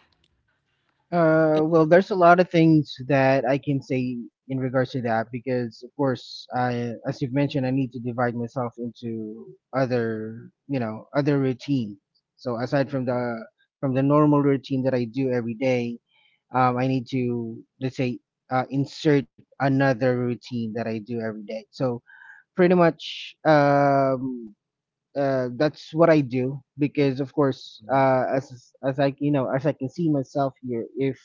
Speaker 3: Well, there's a lot of things that I can say in regards to that, because of course, I, as you've mentioned, I need to divide myself into other routine. So aside from
Speaker 2: Mm-hmm.
Speaker 3: the, normal routine that I do every day, I need to, let's say, insert another routine that I do every day. So pretty much, that's what I do, because of course,
Speaker 2: Mm-hmm.
Speaker 3: as I, as I can see myself here, if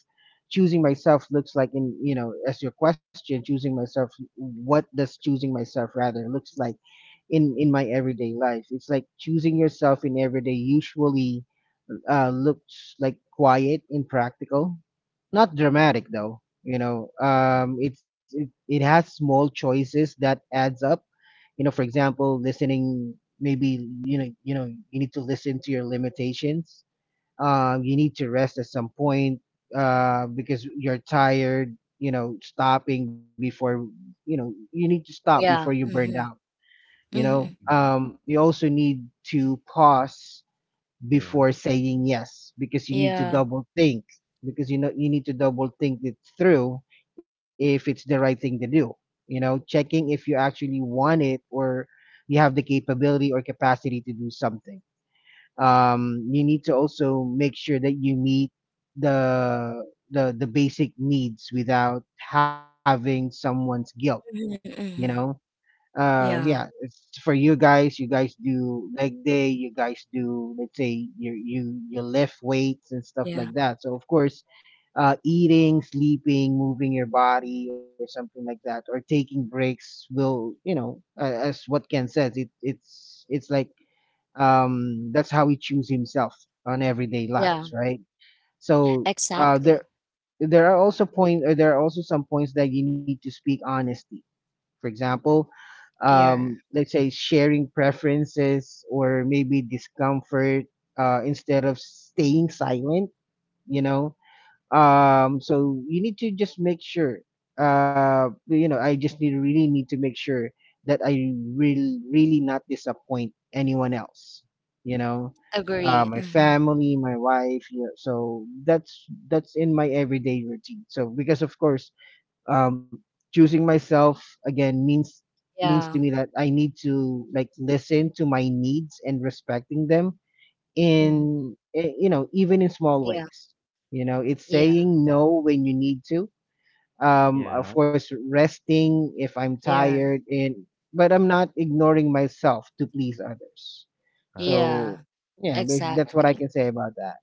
Speaker 3: choosing myself looks like in, you know, as your question, choosing myself, what does choosing myself rather looks like in my everyday life? It's like choosing yourself in everyday usually, looks like quiet and practical, not dramatic though, you know. It has small choices that adds up, you know. For example, listening, maybe, you need to listen to your limitations, you need to rest at some point, because you're tired, you know, stopping before, you need to stop before you
Speaker 1: Yeah.
Speaker 3: burned out,
Speaker 1: Mhm.
Speaker 3: you know
Speaker 1: Mhm.
Speaker 2: Mm-hmm.
Speaker 3: you also need to pause
Speaker 2: Yeah.
Speaker 3: before saying yes, because you need to
Speaker 1: Yeah.
Speaker 3: double think, because you need to double think it through if it's the right thing to do, checking if you actually want it, or you have the capability or capacity to do something. You need to also make sure that you meet the the basic needs without having someone's guilt,
Speaker 1: Mhm.
Speaker 3: you know.
Speaker 1: Mhm. Yeah.
Speaker 3: Yeah, it's for you guys, you guys do leg day, you guys do, let's say, you lift weights and stuff
Speaker 1: Yeah.
Speaker 3: like that, so of course, eating, sleeping, moving your body or something like that, or taking breaks, will, as what Ken says, it, it's like, that's how he choose himself on everyday
Speaker 1: Yeah.
Speaker 3: lives, right? So,
Speaker 1: Exactly.
Speaker 3: there, are also point, or there are also some points that you need to speak honesty. For example,
Speaker 1: Yeah.
Speaker 3: let's say, sharing preferences or maybe discomfort, instead of staying silent, you know. So you need to just make sure, I just need, really need to make sure that I will really not disappoint anyone else, you know.
Speaker 1: Agree.
Speaker 3: My
Speaker 1: Hmm.
Speaker 3: family, my wife, yeah. So that's, in my everyday routine. So because of course, um, choosing myself again means, to
Speaker 1: Yeah.
Speaker 3: me, that I need to, like, listen to my needs and respecting them
Speaker 1: Hmm.
Speaker 3: in eh, you know even in small
Speaker 1: Yeah.
Speaker 3: ways. You know, it's
Speaker 1: Yeah.
Speaker 3: saying no when you need to. Of
Speaker 2: Yeah.
Speaker 3: course, resting if I'm
Speaker 1: Yeah.
Speaker 3: tired, and but I'm not ignoring myself to please others.
Speaker 2: Ah.
Speaker 3: So
Speaker 1: Yeah.
Speaker 3: yeah, that's what I
Speaker 1: Exactly.
Speaker 3: can say about that.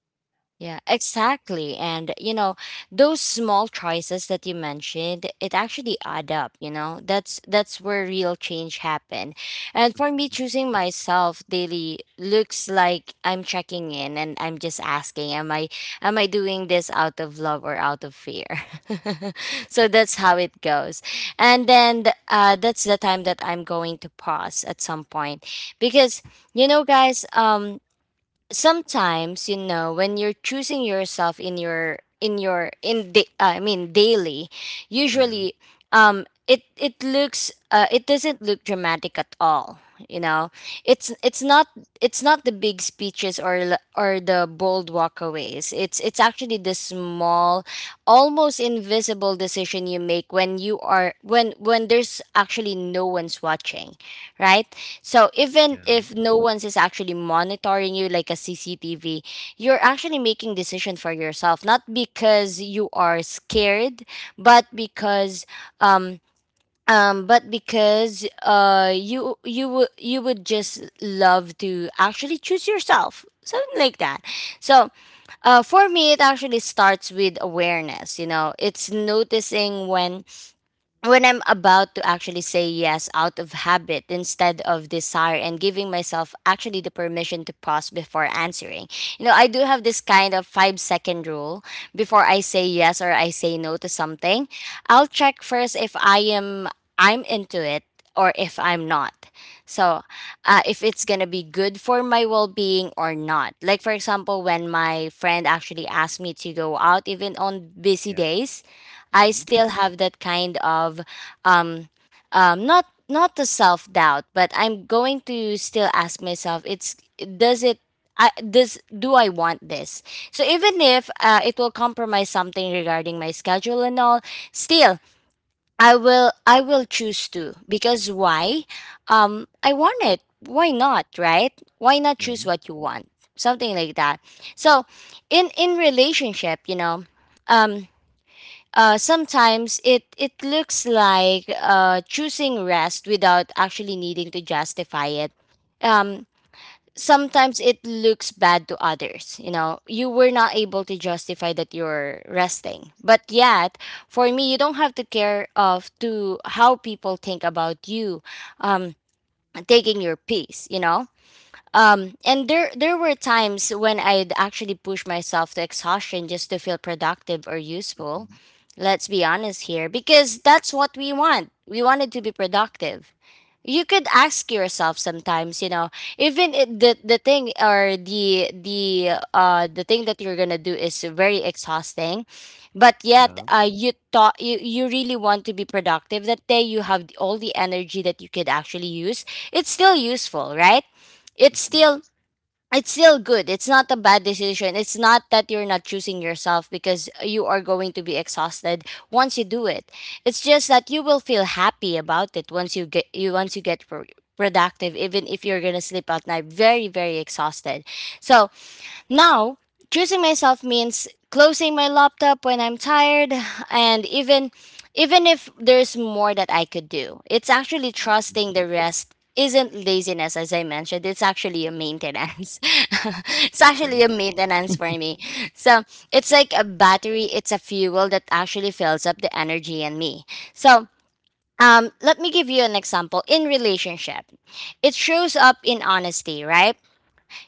Speaker 1: Yeah, exactly. And, you know, those small choices that you mentioned, it actually add up, you know. That's where real change happen. And for me
Speaker 2: Mm-hmm.
Speaker 1: choosing myself daily looks like I'm checking in and I'm just asking, am I doing this out of love or out of fear? So that's how it goes. And then that's the time that I'm going to pause at some point because you know guys, sometimes you know when you're choosing yourself in your in your in the daily
Speaker 2: Yeah.
Speaker 1: usually it it looks it doesn't look dramatic at all, you know. It's it's not it's not the big speeches or the bold walkaways. It's actually the small almost invisible decision you make when you are when there's actually no one's watching, right? So even
Speaker 2: Yeah.
Speaker 1: if no one's is actually monitoring you like a CCTV, you're actually making decision for yourself, not because you are scared, but because um you would just love to actually choose yourself. Something like that. So for me, it actually starts with awareness. You know, it's noticing when I'm about to actually say yes out of habit instead of desire and giving myself actually the permission to pause before answering. You know, I do have this kind of 5 second rule before I say yes or I say no to something. I'll check first if I am I'm into it or if I'm not. So, if it's gonna be good for my well-being or not. Like for example, when my friend actually asked me to go out, even on busy
Speaker 2: Yeah.
Speaker 1: days, I
Speaker 2: Mm-hmm.
Speaker 1: still have that kind of um not not the self doubt, but I'm going to still ask myself it's does it I, does do I want this? So even if it will compromise something regarding my schedule and all, still I will choose to because why? I want it. Why not? Right? Why not
Speaker 2: Yeah.
Speaker 1: choose what you want? Something like that. So in relationship, you know, um, sometimes it it looks like choosing rest without actually needing to justify it. Um, sometimes it looks bad to others. You know, you were not able to justify that you're resting, but yet for me, you don't have to care of to how people think about you. Um, taking your peace. You know, and there were times when I'd actually push myself to exhaustion just to feel productive or useful.
Speaker 2: Mm-hmm.
Speaker 1: Let's be honest here, because that's what we want. We wanted to be productive. You could ask yourself sometimes, you know, even the thing or the thing that you're gonna do is very exhausting, but yet
Speaker 2: Yeah.
Speaker 1: you thought you really want to be productive that day. You have all the energy that you could actually use. It's still useful, right? It's
Speaker 2: Mm-hmm.
Speaker 1: still it's still good. It's not a bad decision. It's not that you're not choosing yourself because you are going to be exhausted once you do it. It's just that you will feel happy about it once you get you once you get productive even if you're going to sleep at night very very exhausted. So, now, choosing myself means closing my laptop when I'm tired and even if there's more that I could do. It's actually trusting the rest isn't laziness as I mentioned. It's actually a maintenance. It's actually a maintenance for me. So, it's like a battery, it's a fuel that actually fills up the energy in me. So, let me give you an example in relationship. It shows up in honesty, right?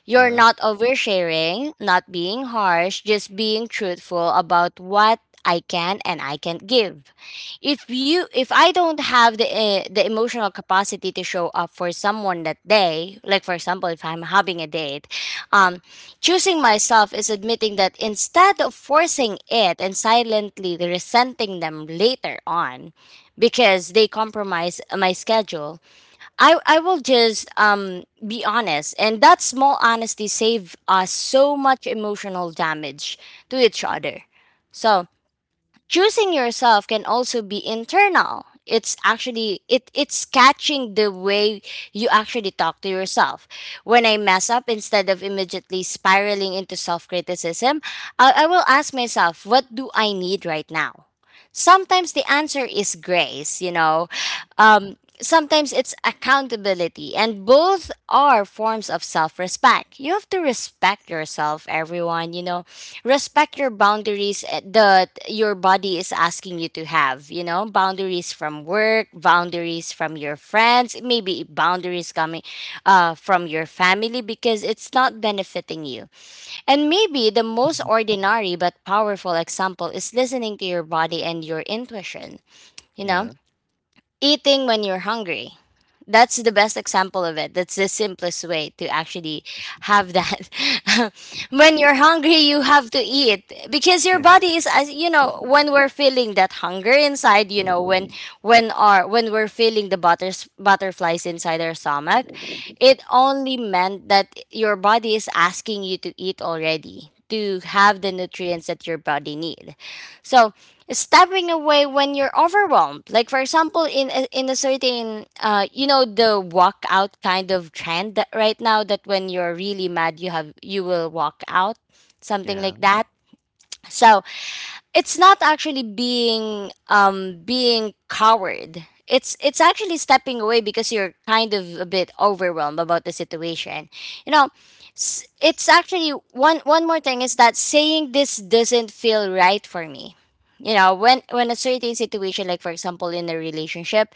Speaker 1: You're
Speaker 2: Yeah.
Speaker 1: not oversharing, not being harsh, just being truthful about what I can and I can't give. If you if I don't have the emotional capacity to show up for someone that day, like for example, if I'm having a date, um, choosing myself is admitting that instead of forcing it and silently resenting them later on because they compromise my schedule, I will just be honest, and that small honesty save us so much emotional damage to each other. So choosing yourself can also be internal. It's actually it's catching the way you actually talk to yourself. When I mess up, instead of immediately spiraling into self criticism, I will ask myself, what do I need right now? Sometimes the answer is grace, you know. Sometimes it's accountability, and both are forms of self respect. You have to respect yourself, everyone, you know. Respect your boundaries that your body is asking you to have, you know, boundaries from work, boundaries from your friends, maybe boundaries coming from your family because it's not benefiting you. And maybe the most
Speaker 3: Mhm.
Speaker 1: ordinary but powerful example is listening to your body and your intuition. You know,
Speaker 2: Yeah.
Speaker 1: eating when you're hungry, that's the best example of it. That's the simplest way to actually have that. When you're hungry, you have to eat because your
Speaker 2: Yeah.
Speaker 1: body is as you know when we're feeling that hunger inside. You know when our when we're feeling the butterflies inside our stomach, it only meant that your body is asking you to eat already to have the
Speaker 2: Mm-hmm.
Speaker 1: nutrients that your body need. So stepping away when you're overwhelmed, like for example, in a certain, you know, the walk out kind of trend that right now that when you're really mad, you will walk out, something
Speaker 2: Yeah.
Speaker 1: like that. So it's not actually being being coward. It's actually stepping away because you're kind of a bit overwhelmed about the situation, you know. It's actually one more thing is that saying this doesn't feel right for me, you know, when a certain situation like for example in a relationship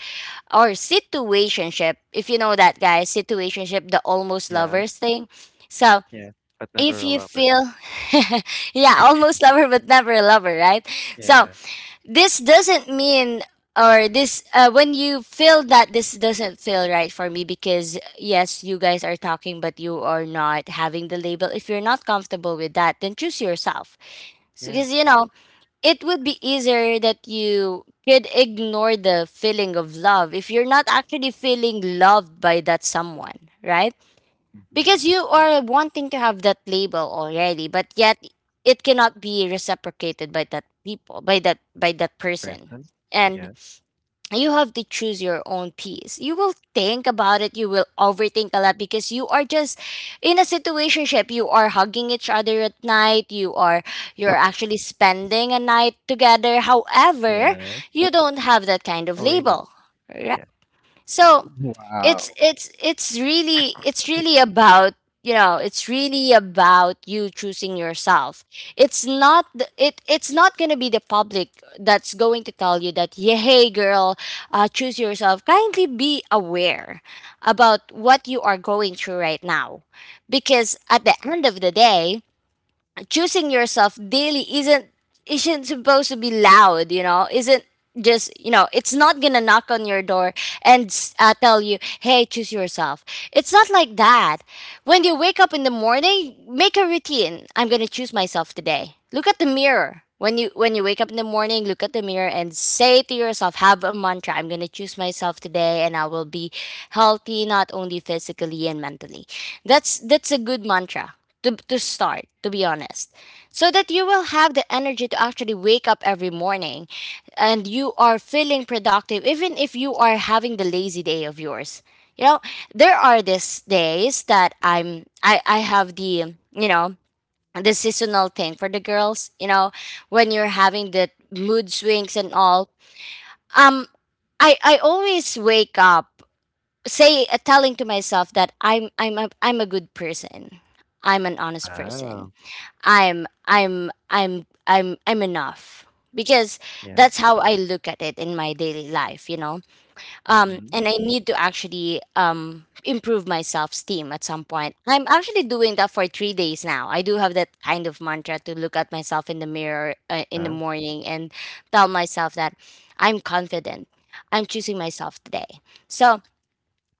Speaker 1: or situationship, if you know that guys, situationship, the almost
Speaker 2: Yeah.
Speaker 1: lovers thing. So
Speaker 2: Yeah. But never
Speaker 1: if
Speaker 2: a
Speaker 1: you
Speaker 2: lovers.
Speaker 1: feel yeah, almost lover but never a lover, right? So
Speaker 2: Yeah.
Speaker 1: this doesn't mean or this when you feel that this doesn't feel right for me, because yes you guys are talking but you are not having the label, if you're not comfortable with that then choose yourself. So
Speaker 2: Yeah.
Speaker 1: because you know it would be easier that you could ignore the feeling of love if you're not actually feeling loved by that someone, right? Because
Speaker 2: Mm-hmm.
Speaker 1: you are wanting to have that label already, but yet it cannot be reciprocated by that people, by that person.
Speaker 2: Person.
Speaker 1: And
Speaker 2: Yeah.
Speaker 1: you have to choose your own piece. You will think about it, you will overthink a lot because you are just in a situationship. You are hugging each other at night, you're actually spending a night together. However,
Speaker 2: Yeah.
Speaker 1: you don't have that kind of
Speaker 2: A label.
Speaker 1: label. Right?
Speaker 2: Yeah.
Speaker 1: So it's
Speaker 3: Wow.
Speaker 1: it's it's really it's really about it's really about you choosing yourself. It's not going to be the public that's going to tell you that, yeah, hey girl, choose yourself. Kindly be aware about what you are going through right now, because at the end of the day, choosing yourself daily isn't supposed to be loud, isn't just, it's not gonna knock on your door and tell you, hey, choose yourself. It's not like that. When you wake up in the morning, make a routine, I'm gonna choose myself today. Look at the mirror when you wake up in the morning, look at the mirror and say to yourself, have a mantra, I'm gonna choose myself today and I will be healthy, not only physically and mentally. That's a good mantra to start, to be honest, so that you will have the energy to actually wake up every morning and you are feeling productive even if you are having the lazy day of yours, you know. There are these days that I have the, the seasonal thing for the girls, you know, when you're having the mood swings and all. um I always wake up, say, telling to myself that I'm a good person, I'm an honest person.
Speaker 2: Wow.
Speaker 1: I'm enough, because
Speaker 2: Yeah.
Speaker 1: that's how I look at it in my daily life, you know.
Speaker 2: Mhm.
Speaker 1: And I need to actually improve my self esteem at some point. I'm actually doing that for 3 days now. I do have that kind of mantra to look at myself in the mirror in the
Speaker 2: Wow.
Speaker 1: morning and tell myself that I'm confident. I'm choosing myself today. So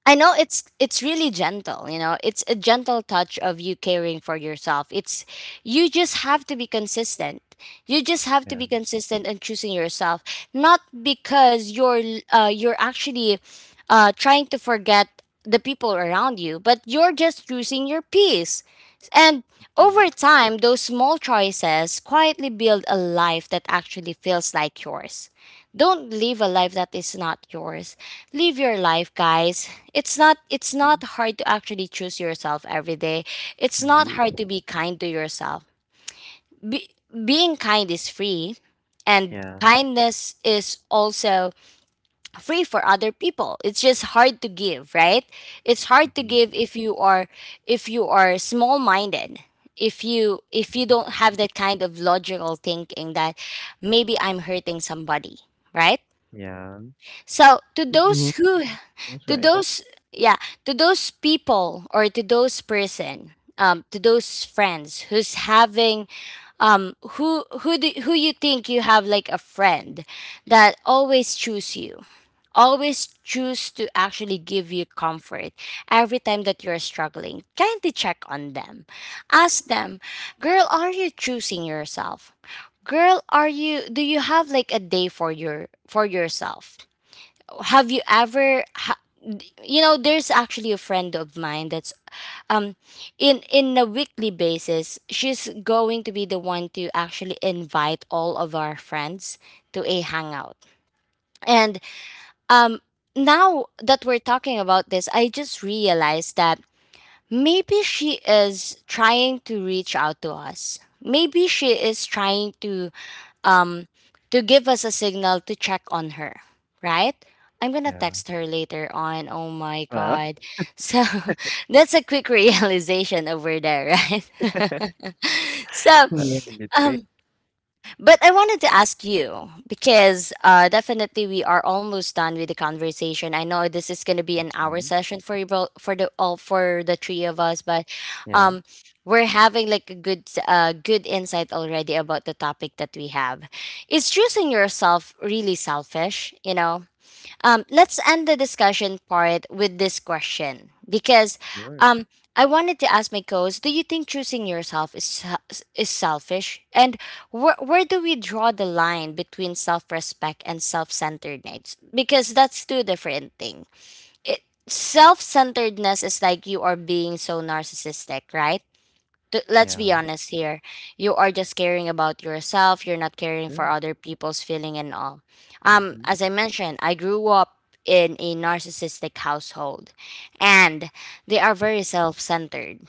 Speaker 1: I know it's really gentle, you know. It's a gentle touch of you caring for yourself. It's you just have to be consistent. You just have to
Speaker 2: Yeah.
Speaker 1: be consistent in choosing yourself, not because you're actually trying to forget the people around you, but you're just choosing your peace. And over
Speaker 2: Mhm.
Speaker 1: time, those small choices quietly build a life that actually feels like yours. Don't live a life that is not yours, live your life guys. It's not it's
Speaker 2: Mhm.
Speaker 1: not hard to actually choose yourself every day. It's not
Speaker 2: Indeed.
Speaker 1: hard to be kind to yourself. Being kind is free, and
Speaker 2: Yeah.
Speaker 1: kindness is also free for other people. It's just hard to give, right? It's hard to
Speaker 2: Mhm.
Speaker 1: give if you are, if you are small minded, if you don't have that kind of logical thinking that maybe I'm hurting somebody, right?
Speaker 2: Yeah.
Speaker 1: So to those
Speaker 3: Mhm.
Speaker 1: who,
Speaker 3: That's
Speaker 1: to
Speaker 3: right.
Speaker 1: those yeah, to those people or to those person, to those friends who's having, who you think you have like a friend that always choose you, always choose to actually give you comfort every time that you're struggling. Kindly check on them, ask them, girl, are you choosing yourself? Girl, are you, do you have like a day for yourself? Have you ever ha- You know, there's actually a friend of mine that's um in a weekly basis, she's going to be the one to actually invite all of our friends to a hangout. And um now that we're talking about this, I just realized that maybe she is trying to reach out to us, maybe she is trying to give us a signal to check on her, right? I'm gonna
Speaker 2: Yeah.
Speaker 1: text her later on. Oh my
Speaker 2: Well,
Speaker 1: god. So that's a quick realization over there, right? so
Speaker 2: well, that's a bit quick.
Speaker 1: um but I wanted to ask you because, definitely we are almost done with the conversation. I know this is going to be an hour
Speaker 2: Mhm.
Speaker 1: session for you both, for the three of us, but
Speaker 2: Yeah.
Speaker 1: um, we're having like a good good insight already about the topic that we have. Is choosing yourself really selfish? You know, let's end the discussion part with this question, because
Speaker 2: Sure.
Speaker 1: um, I wanted to ask my co-host: Do you think choosing yourself is is selfish? And where do we draw the line between self-respect and self-centeredness? Because that's two different things. It Self-centeredness is like you are being so narcissistic, right? Let's be
Speaker 2: Yeah.
Speaker 1: honest here. You are just caring about yourself. You're not caring
Speaker 2: Sure.
Speaker 1: for other people's feeling and all.
Speaker 2: Mhm.
Speaker 1: As I mentioned, I grew up in a narcissistic household, and they are very self-centered.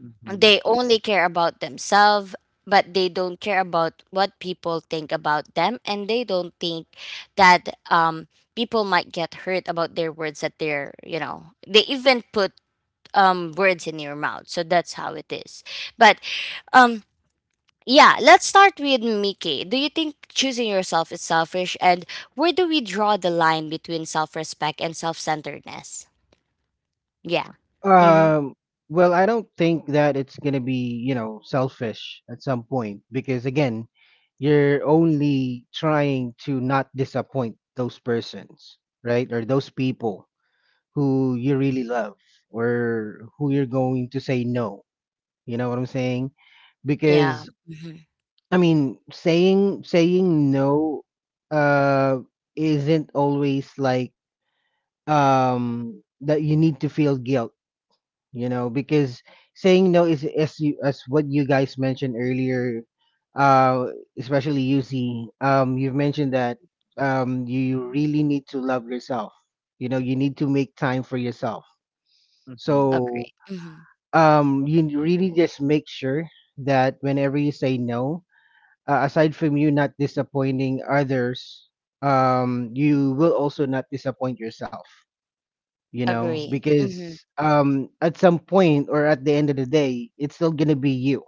Speaker 2: Mhm.
Speaker 1: They only care about themselves, but they don't care about what people think about them, and they don't think that people might get hurt about their words that they're, you know, they even put words in your mouth. So that's how it is. But um yeah, let's start with Mickey. Do you think choosing yourself is selfish and where do we draw the line between self-respect and self-centeredness? Yeah. Mhm.
Speaker 3: Um, well, I don't think that it's gonna be, selfish at some point, because again, you're only trying to not disappoint those persons, right? Or those people who you really love, or who you're going to say no. You know what I'm saying?
Speaker 1: Yeah.
Speaker 3: Because
Speaker 1: Mhm.
Speaker 3: I mean, saying no, uh isn't always like, that you need to feel guilt, you know, because saying no is, as what you guys mentioned earlier, uh especially, you see, you've mentioned that, you really need to love yourself, you know, you need to make time for yourself.
Speaker 2: Mhm.
Speaker 3: So,
Speaker 1: Agree. Mhm.
Speaker 3: you really just make sure that whenever you say no, aside from you not disappointing others, you will also not disappoint yourself,
Speaker 1: Agree.
Speaker 3: because,
Speaker 1: Mhm.
Speaker 3: at some point, or at the end of the day, it's still going to be you,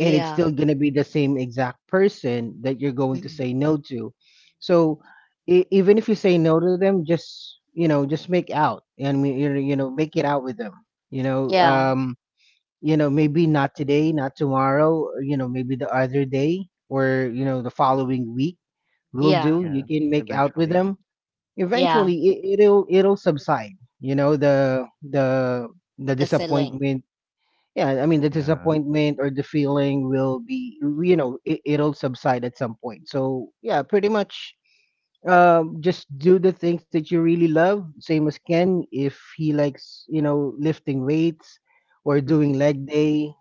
Speaker 3: and it's
Speaker 1: Yeah.
Speaker 3: still going to be the same exact person that you're going to
Speaker 1: Mhm.
Speaker 3: say no to. So e even if you say no to them, just, just make out, and we- you know, make it out with them, you know.
Speaker 1: Yeah.
Speaker 3: Maybe not today, not tomorrow, or, maybe the other day, or the following week will
Speaker 1: Yeah.
Speaker 3: do. You
Speaker 2: Yeah.
Speaker 3: can make out with
Speaker 2: Eventually.
Speaker 3: them
Speaker 1: Yeah.
Speaker 3: eventually. It'll subside, you know, the, the
Speaker 1: The feeling.
Speaker 3: disappointment. Yeah, I mean, the
Speaker 2: Yeah.
Speaker 3: disappointment or the feeling will be, it'll subside at some point. So yeah, pretty much, just do the things that you really love. Same as Ken, if he likes, you know, lifting weights or doing leg day,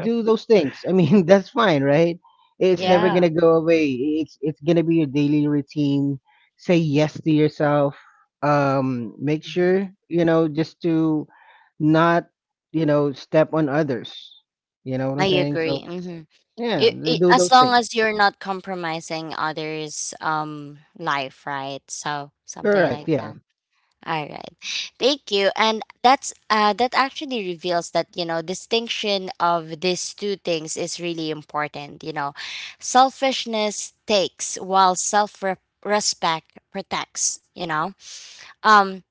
Speaker 3: do those things. I mean, that's fine, right? It's never
Speaker 2: Yeah.
Speaker 3: gonna
Speaker 1: Yeah.
Speaker 3: go away, it's gonna be your daily routine. Say yes to yourself. Make
Speaker 1: Mhm.
Speaker 3: sure, just to not, step on others. You know what I'm
Speaker 1: I
Speaker 3: saying?
Speaker 1: agree.
Speaker 3: So
Speaker 1: Mhm.
Speaker 3: yeah,
Speaker 1: It
Speaker 3: do
Speaker 1: as
Speaker 3: those
Speaker 1: long
Speaker 3: things.
Speaker 1: as you're not compromising others' life, right? So something
Speaker 3: Correct,
Speaker 1: like
Speaker 3: yeah.
Speaker 1: that. All right, thank you. And that's that actually reveals that, you know, distinction of these two things is really important. You know, selfishness takes while self respect protects. You know, um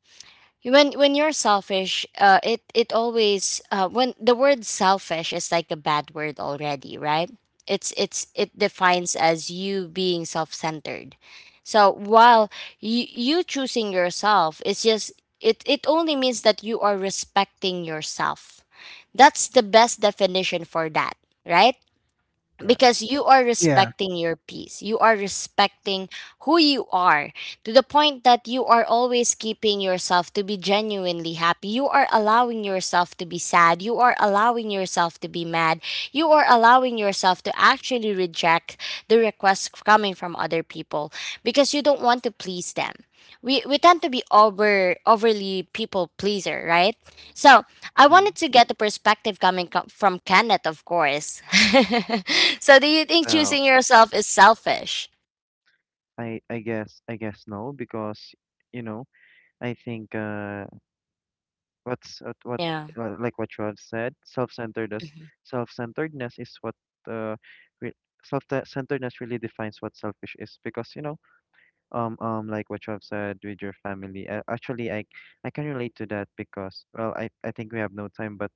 Speaker 1: when you're selfish it always when the word selfish is like a bad word already, right? It's it defines as you being self-centered. So while you choosing yourself, it's just it it only means that you are respecting yourself. That's the best definition for that, right?
Speaker 2: Yeah.
Speaker 1: Because you are
Speaker 3: Yeah.
Speaker 1: respecting your peace, you are respecting who you are, to the point that you are always keeping yourself to be genuinely happy. You are allowing yourself to be sad, you are allowing yourself to be mad, you are allowing yourself to actually reject the requests coming from other people because you don't want to please them. We tend to be overly people pleaser, right? So I
Speaker 2: Mhm.
Speaker 1: wanted to get the perspective coming from Kenneth, of course. So, do you think
Speaker 2: Well,
Speaker 1: choosing yourself is selfish?
Speaker 2: I guess no because you know I think. What
Speaker 1: Yeah.
Speaker 2: like what you have said, self-centeredness.
Speaker 1: Mm-hmm.
Speaker 2: Self-centeredness is what uh re self-centeredness really defines what selfish is because you know like what you have said with your family. Actually, I can relate to that because well I think we have no time,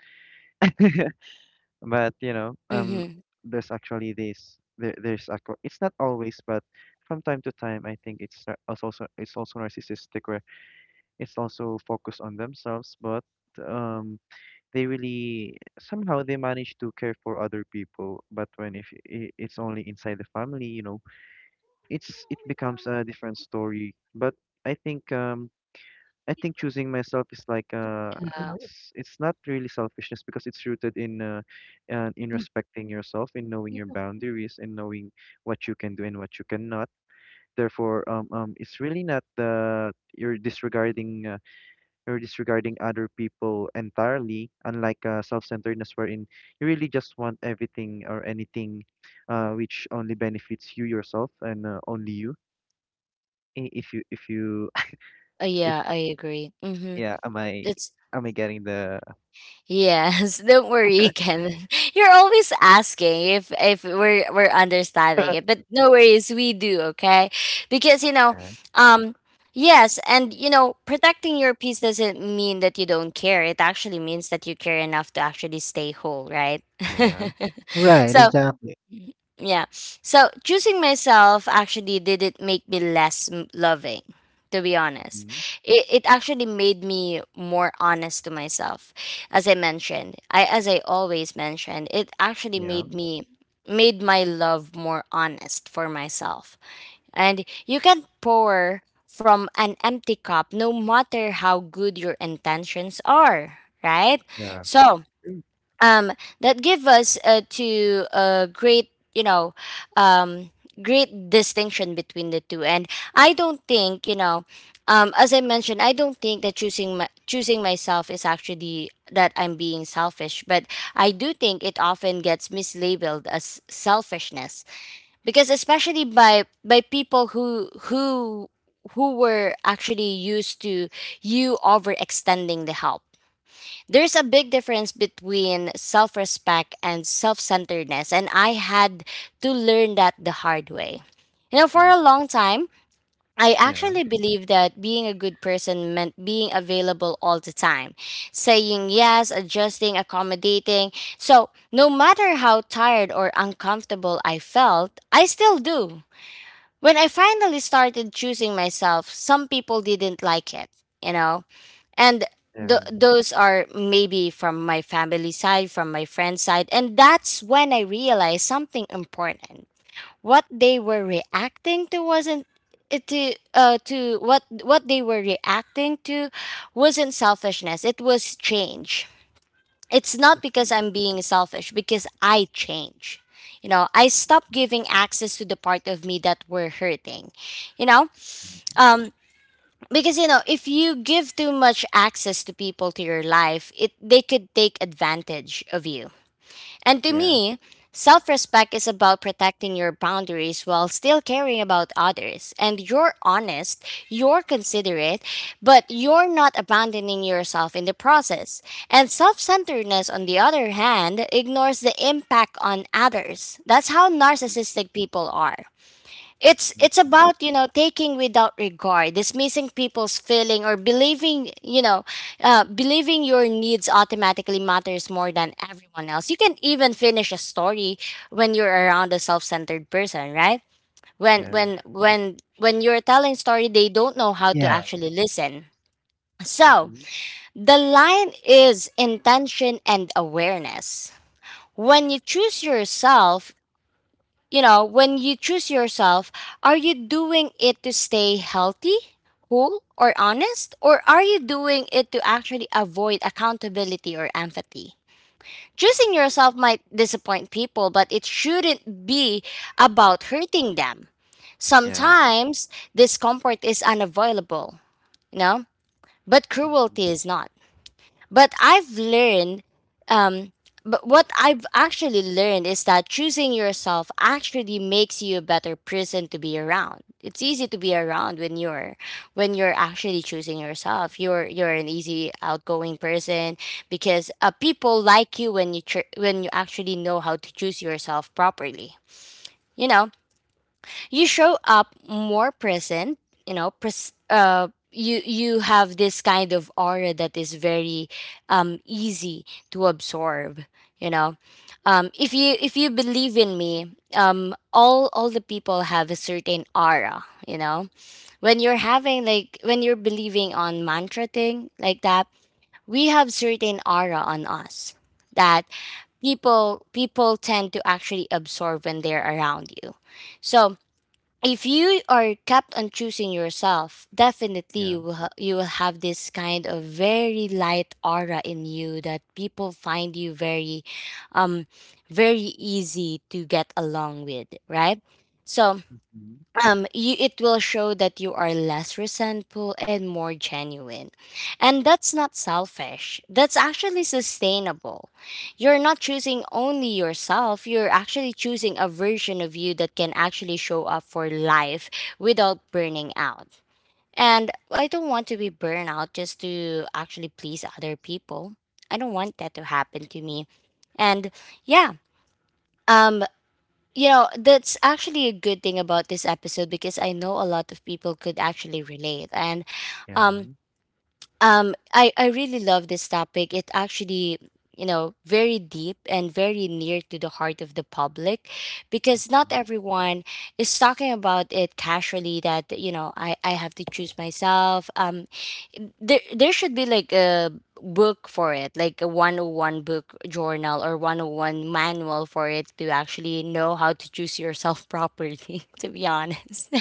Speaker 2: but you know
Speaker 1: Mm-hmm.
Speaker 2: there's actually there's a, it's not always but from time to time I think it's also narcissistic where it's also focused on themselves, but um. they really somehow they manage to care for other people, but when if I- it's only inside the family you know it's it becomes a different story. But i think um I think choosing myself is like
Speaker 1: Uh,
Speaker 2: it's not really selfishness because it's rooted in respecting yourself, in knowing your boundaries and knowing what you can do and what you cannot. Therefore, it's really not that you're disregarding or disregarding other people entirely, unlike self-centeredness wherein you really just want everything or anything which only benefits you yourself and only you. If you, if,
Speaker 1: Yeah, I agree. Mm-hmm.
Speaker 2: yeah,
Speaker 1: It's
Speaker 2: am I getting the,
Speaker 1: Yes, don't worry, Ken. You're always asking if we're we're understanding it, but no worries, we do, okay? Because you know,
Speaker 2: Yeah.
Speaker 1: um, yes, and you know, protecting your peace doesn't mean that you don't care. It actually means that you care enough to actually stay whole, right?
Speaker 2: Yeah.
Speaker 3: Right,
Speaker 1: So
Speaker 3: exactly.
Speaker 1: Mhm. Yeah. So choosing myself actually didn't make me less loving, to be honest.
Speaker 2: Mhm.
Speaker 1: It actually made me more honest to myself. As I mentioned, I as I always mentioned, it actually
Speaker 2: Yeah.
Speaker 1: made me made my love more honest for myself. And you can pour from an empty cup no matter how good your intentions are, right?
Speaker 2: Yeah.
Speaker 1: So,
Speaker 2: Mm.
Speaker 1: um, that give us to a great, you know, um, great distinction between the two. And I don't think, you know, as I mentioned, I don't think that choosing myself is actually that I'm being selfish, but I do think it often gets mislabeled as selfishness, because especially by people who were actually used to you overextending the help. There's a big difference between self respect and self centeredness, and I had to learn that the hard way. You know, for
Speaker 2: Mhm.
Speaker 1: a long time, I
Speaker 2: Yeah.
Speaker 1: actually believed that being a good person meant being available all the time, saying yes, adjusting, accommodating. So, no matter how tired or uncomfortable I felt, I still do. When I finally started choosing myself, some people didn't like it, you know? And
Speaker 2: Yeah.
Speaker 1: those are maybe from my family side, from my friend's side, and that's when I realized something important. What they were reacting to wasn't to what they were reacting to wasn't selfishness, it was change. It's not because
Speaker 2: Mhm.
Speaker 1: I'm being selfish because I change, you know. I stopped giving access to the part of me that were hurting, you know. um because, you know, if you give too much access to people to your life, it they could take advantage of you. And to
Speaker 2: Yeah.
Speaker 1: me, self-respect is about protecting your boundaries while still caring about others, and you're honest, you're considerate, but you're not abandoning yourself in the process. And self-centeredness on the other hand ignores the impact on others. That's how narcissistic people are. It's
Speaker 2: Mhm.
Speaker 1: about, you know, taking without regard, dismissing people's feeling or believing, you know, believing your needs automatically matters more than everyone else. You can even finish a story when you're around a self-centered person, right? when
Speaker 2: Yeah.
Speaker 1: when when when you're telling story, they don't know how to
Speaker 3: Yeah,
Speaker 1: actually listen. So
Speaker 2: Mhm.
Speaker 1: the line is intention and awareness. when you choose yourself when you choose yourself, are you doing it to stay healthy, cool, or honest? Or are you doing it to actually avoid accountability or empathy? Choosing yourself might disappoint people, but it shouldn't be about hurting them.
Speaker 2: Yeah.
Speaker 1: Sometimes discomfort is unavoidable, you know, but
Speaker 2: Mhm.
Speaker 1: cruelty is not. But I've learned um, but what I've actually learned is that choosing yourself actually makes you a better person to be around. It's easy to be around when you're actually choosing yourself. You're an easy outgoing person because, people like you when you when you actually know how to choose yourself properly. You know, you show up more present. You you have this kind of aura that is very easy to absorb, you know if you believe in me, all the people have a certain aura, you know, when you're having, like, when you're believing on mantra thing like that, we have certain aura on us that people tend to actually absorb when they're around you. So if you are kept on choosing yourself, definitely
Speaker 2: Yeah.
Speaker 1: you will, you will have this kind of very light aura in you that people find you very, um, very easy to get along with, right? So
Speaker 2: Mhm.
Speaker 1: you, it will show that you are less resentful and more genuine, and that's not selfish, that's actually sustainable. You're not choosing only yourself, you're actually choosing a version of you that can actually show up for life without burning out. And I don't want to be burned out just to actually please other people. I don't want that to happen to me. And yeah, um you know, that's actually a good thing about this episode, because I know a lot of people could actually relate. And
Speaker 2: Yeah.
Speaker 1: um I really love this topic. It actually, you know, very deep and very near to the heart of the public, because not
Speaker 2: Mhm.
Speaker 1: everyone is talking about it casually that, you know, I have to choose myself. There should be like a book for it, like a 101 book journal or 101 manual for it to actually know how to choose yourself properly, to be honest.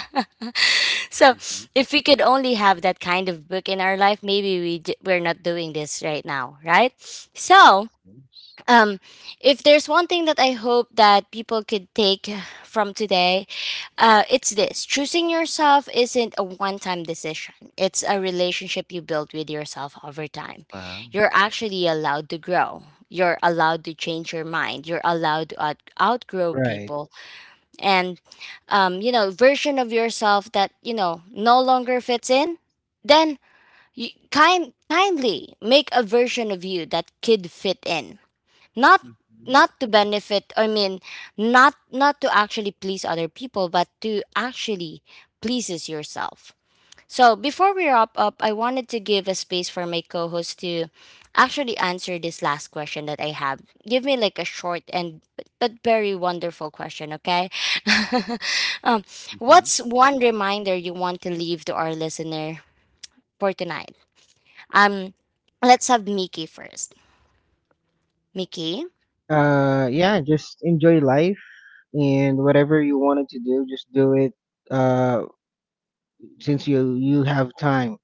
Speaker 1: So
Speaker 2: Mhm.
Speaker 1: if we could only have that kind of book in our life, maybe we're not doing this right now, right? So
Speaker 2: Mhm.
Speaker 1: um, if there's one thing that I hope that people could take from today, it's this: choosing yourself isn't a one time decision, it's a relationship you build with yourself over time.
Speaker 2: Wow.
Speaker 1: You're actually allowed to grow, you're allowed to change your mind, you're allowed to outgrow
Speaker 3: right.
Speaker 1: people, and you know, version of yourself that you know no longer fits in, then you kindly make a version of you that could fit in. not
Speaker 2: Mhm.
Speaker 1: not to benefit, I mean, not to actually please other people, but to actually pleases yourself. So before we wrap up, I wanted to give a space for my co-host to actually answer this last question that I have. Give me like a short and but very wonderful question, okay? um,
Speaker 2: Mhm.
Speaker 1: what's one reminder you want to leave to our listener for tonight? um let's have Mickey first. Mickey.
Speaker 3: Yeah, just enjoy life, and whatever you wanted to do, just do it, uh since you have time,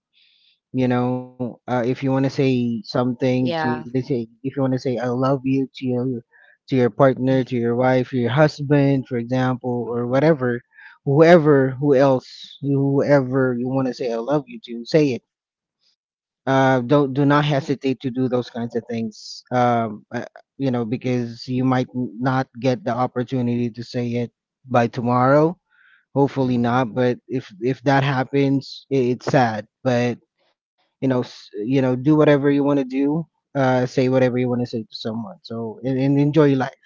Speaker 3: you know. If you want to say something to, they
Speaker 1: Yeah.
Speaker 3: say, if you want to say I love you to your, partner, to your wife, your husband, for example, or
Speaker 2: Mhm.
Speaker 3: whatever, whoever, who else, whoever you want to say I love you to, say it. Don't Do not hesitate to do those kinds of things. Because you might not get the opportunity to say it by tomorrow. Hopefully
Speaker 2: Yeah.
Speaker 3: not, but if that happens, I it's sad. But do whatever you want to do. Say whatever you want to say to someone. So, and enjoy your life,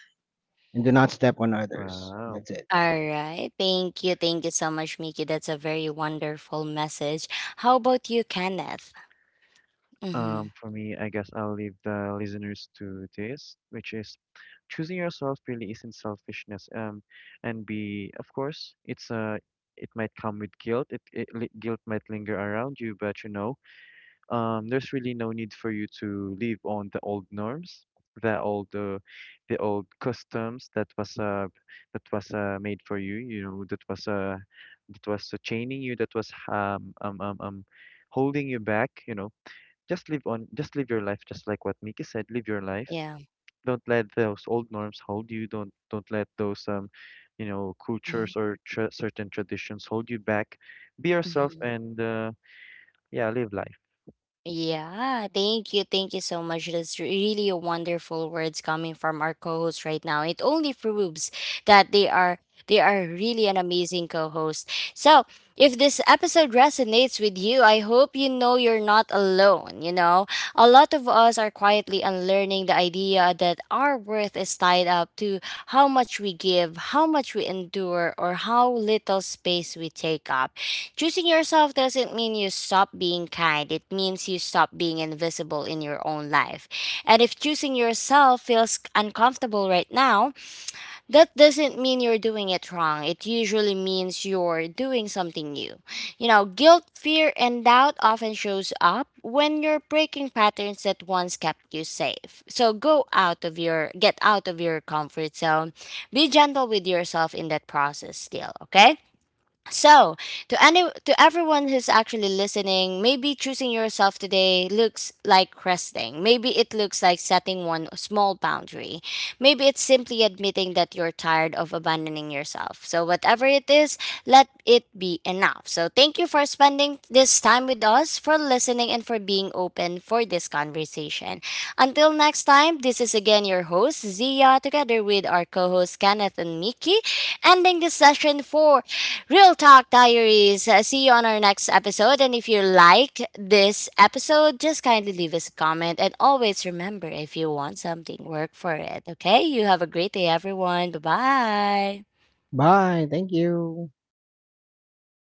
Speaker 3: and do not step on others.
Speaker 2: Wow.
Speaker 3: That's it.
Speaker 1: All right. Thank you. Thank you so much, Mickey. That's a very wonderful message. How about you, Kenneth? Mm-hmm.
Speaker 2: For me, I guess I'll leave the listeners to this, which is choosing yourself really isn't selfishness. And be, of course, it's it might come with guilt. Guilt might linger around you, but you know, there's really no need for you to live on the old norms, the old uh, the old customs that was made for you. You know that was chaining you, that was holding you back. You know, just live on, just live your life, just like what Miki said, live your life.
Speaker 1: Yeah.
Speaker 2: Don't let those old norms hold you. Don't let those you know,
Speaker 1: Mm-hmm.
Speaker 2: cultures or tra certain traditions hold you back. Be yourself,
Speaker 1: Mm-hmm.
Speaker 2: and yeah, live life.
Speaker 1: Yeah, thank you. Thank you so much. That's really a wonderful words coming from our co-host right now. It only proves that they are really an amazing co-host. So, if this episode resonates with you, I hope you know you're not alone, you know. A lot of us are quietly unlearning the idea that our worth is tied up to how much we give, how much we endure, or how little space we take up. Choosing yourself doesn't mean you stop being kind. It means you stop being invisible in your own life. And if choosing yourself feels uncomfortable right now, that doesn't mean you're doing it wrong. It usually means you're doing something new. You know, guilt, fear, and doubt often shows up when you're breaking patterns that once kept you safe. So go out of your get out of your comfort zone. Be gentle with yourself in that process still, okay? So, to everyone who's actually listening, maybe choosing yourself today looks like resting. Maybe it looks like setting one small boundary. Maybe it's simply admitting that you're tired of abandoning yourself. So, whatever it is, let it be enough. So, thank you for spending this time with us, for listening and for being open for this conversation. Until next time, this is again your host Zia together with our co-host Kenneth and Mickey, ending this session for Real Talk Diaries. See you on our next episode. And if you like this episode, just kindly leave us a comment. And always remember, if you want something, work for it. Okay? You have a great day, everyone. Bye bye.
Speaker 3: Bye. Thank you.